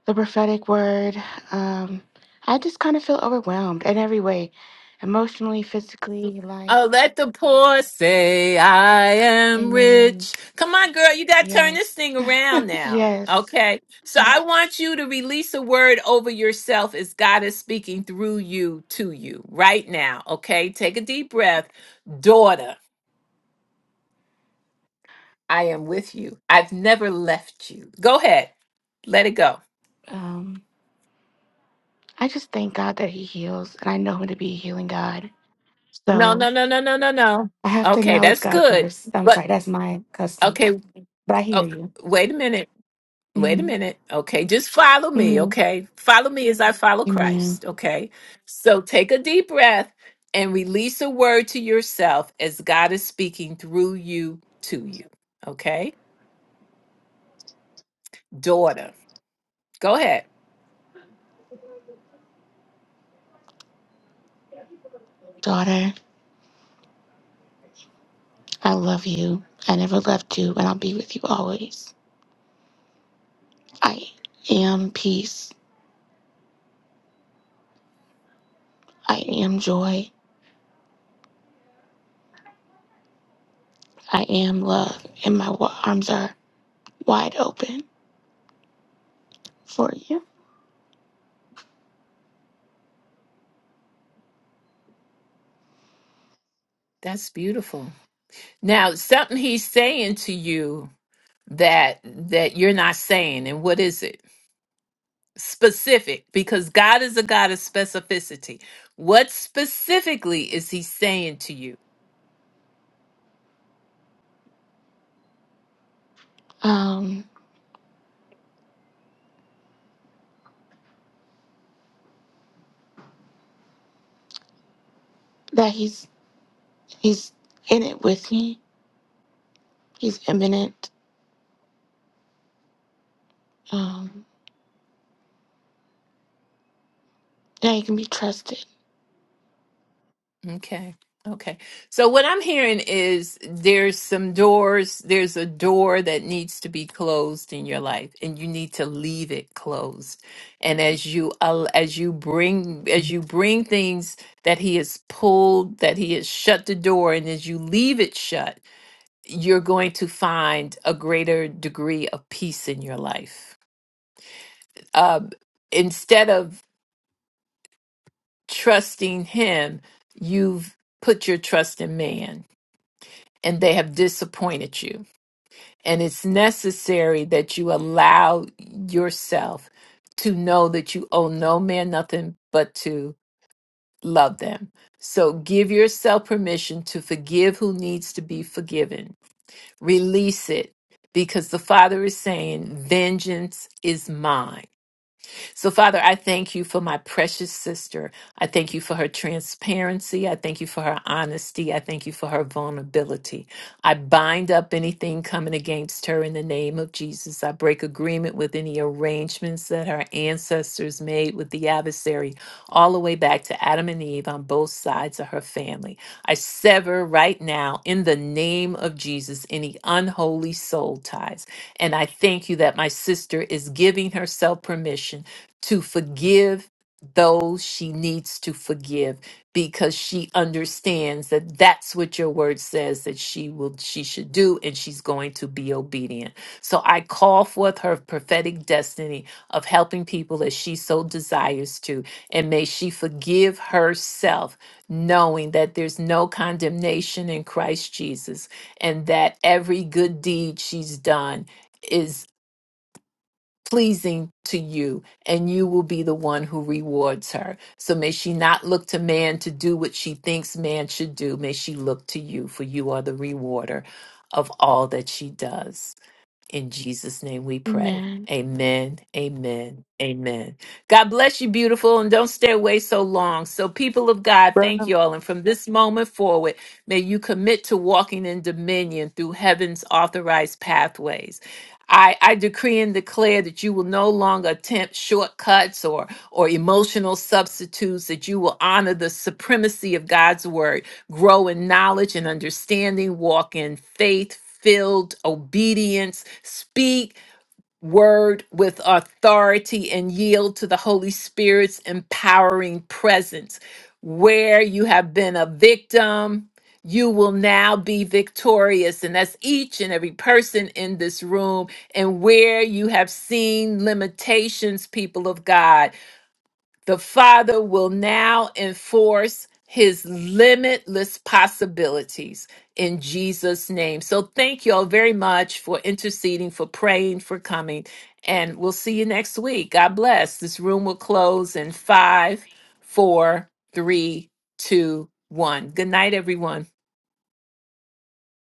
Speaker 7: the prophetic word. Um, I just kind of feel overwhelmed in every way, emotionally, physically,
Speaker 1: Oh,
Speaker 7: life.
Speaker 1: let the poor say I am
Speaker 7: Amen.
Speaker 1: rich. Come on, girl, you got to turn
Speaker 7: Yes.
Speaker 1: this thing
Speaker 7: [LAUGHS]
Speaker 1: around now.
Speaker 7: yes.
Speaker 1: Okay. So I want you to release a word over yourself as God is speaking through you to you right now. Okay. Take a deep breath. Daughter, I am with you. I've never left you. Go ahead. Let it go.
Speaker 7: Um, I just thank God that He heals, and I know Him to be a healing God.
Speaker 1: No, no,
Speaker 7: So
Speaker 1: no, no, no, no, no.
Speaker 7: I have to
Speaker 1: Okay.
Speaker 7: acknowledge
Speaker 1: That's
Speaker 7: God
Speaker 1: good.
Speaker 7: first. I'm
Speaker 1: But,
Speaker 7: sorry, that's my custom,
Speaker 1: okay.
Speaker 7: but I hear
Speaker 1: Oh,
Speaker 7: you.
Speaker 1: wait a minute. Wait
Speaker 7: Mm-hmm.
Speaker 1: a minute. Okay. Just follow me.
Speaker 7: Mhm.
Speaker 1: Okay. Follow me as I follow
Speaker 7: Amen.
Speaker 1: Christ. Okay. So take a deep breath and release a word to yourself as God is speaking through you to you. Okay. Daughter, go ahead.
Speaker 7: Daughter, I love you. I never left you, and I'll be with you always. I am peace. I am joy. I am love, and my wa- arms are wide open for you.
Speaker 1: That's beautiful. Now, something he's saying to you that that you're not saying and what is it specific because god is a god of specificity what specifically is he saying to you
Speaker 7: Um, that he's he's in it with me. He's imminent. Um, that he can be trusted.
Speaker 1: Okay. Okay. So what I'm hearing is there's some doors, there's a door that needs to be closed in your life and you need to leave it closed. And as you al- as you bring as you bring things that he has pulled, that he has shut the door and as you leave it shut, you're going to find a greater degree of peace in your life. Uh, instead of trusting him, you've put your trust in man and they have disappointed you. And it's necessary that you allow yourself to know that you owe no man nothing but to love them. So give yourself permission to forgive who needs to be forgiven. Release it because the Father is saying, Vengeance is mine. So, Father, I thank you for my precious sister. I thank you for her transparency. I thank you for her honesty. I thank you for her vulnerability. I bind up anything coming against her in the name of Jesus. I break agreement with any arrangements that her ancestors made with the adversary, all the way back to Adam and Eve on both sides of her family. I sever right now, in the name of Jesus, any unholy soul ties. And I thank you that my sister is giving herself permission to forgive those she needs to forgive because she understands that that's what your word says that she will she should do and she's going to be obedient. So I call forth her prophetic destiny of helping people as she so desires to and may she forgive herself knowing that there's no condemnation in Christ Jesus and that every good deed she's done pleasing to you, and you will be the one who rewards her. So may she not look to man to do what she thinks man should do. May she look to you, for you are the rewarder of all that she does. In Jesus' name we pray.
Speaker 7: Amen.
Speaker 1: Amen. Amen. Amen. God bless you, beautiful, and don't stay away so long. So, people of God, thank you all. And from this moment forward, may you commit to walking in dominion through heaven's authorized pathways. I, I decree and declare that you will no longer attempt shortcuts or, or emotional substitutes, that you will honor the supremacy of God's word grow in knowledge and understanding, walk in faith, filled obedience, speak word with authority, and yield to the Holy Spirit's empowering presence. Where you have been a victim, you will now be victorious. And that's each and every person in this room. And where you have seen limitations, people of God. The Father will now enforce his limitless possibilities in Jesus' name. So thank you all very much for interceding, for praying, for coming. And we'll see you next week. God bless. This room will close in five, four, three, two, one. Good night, everyone.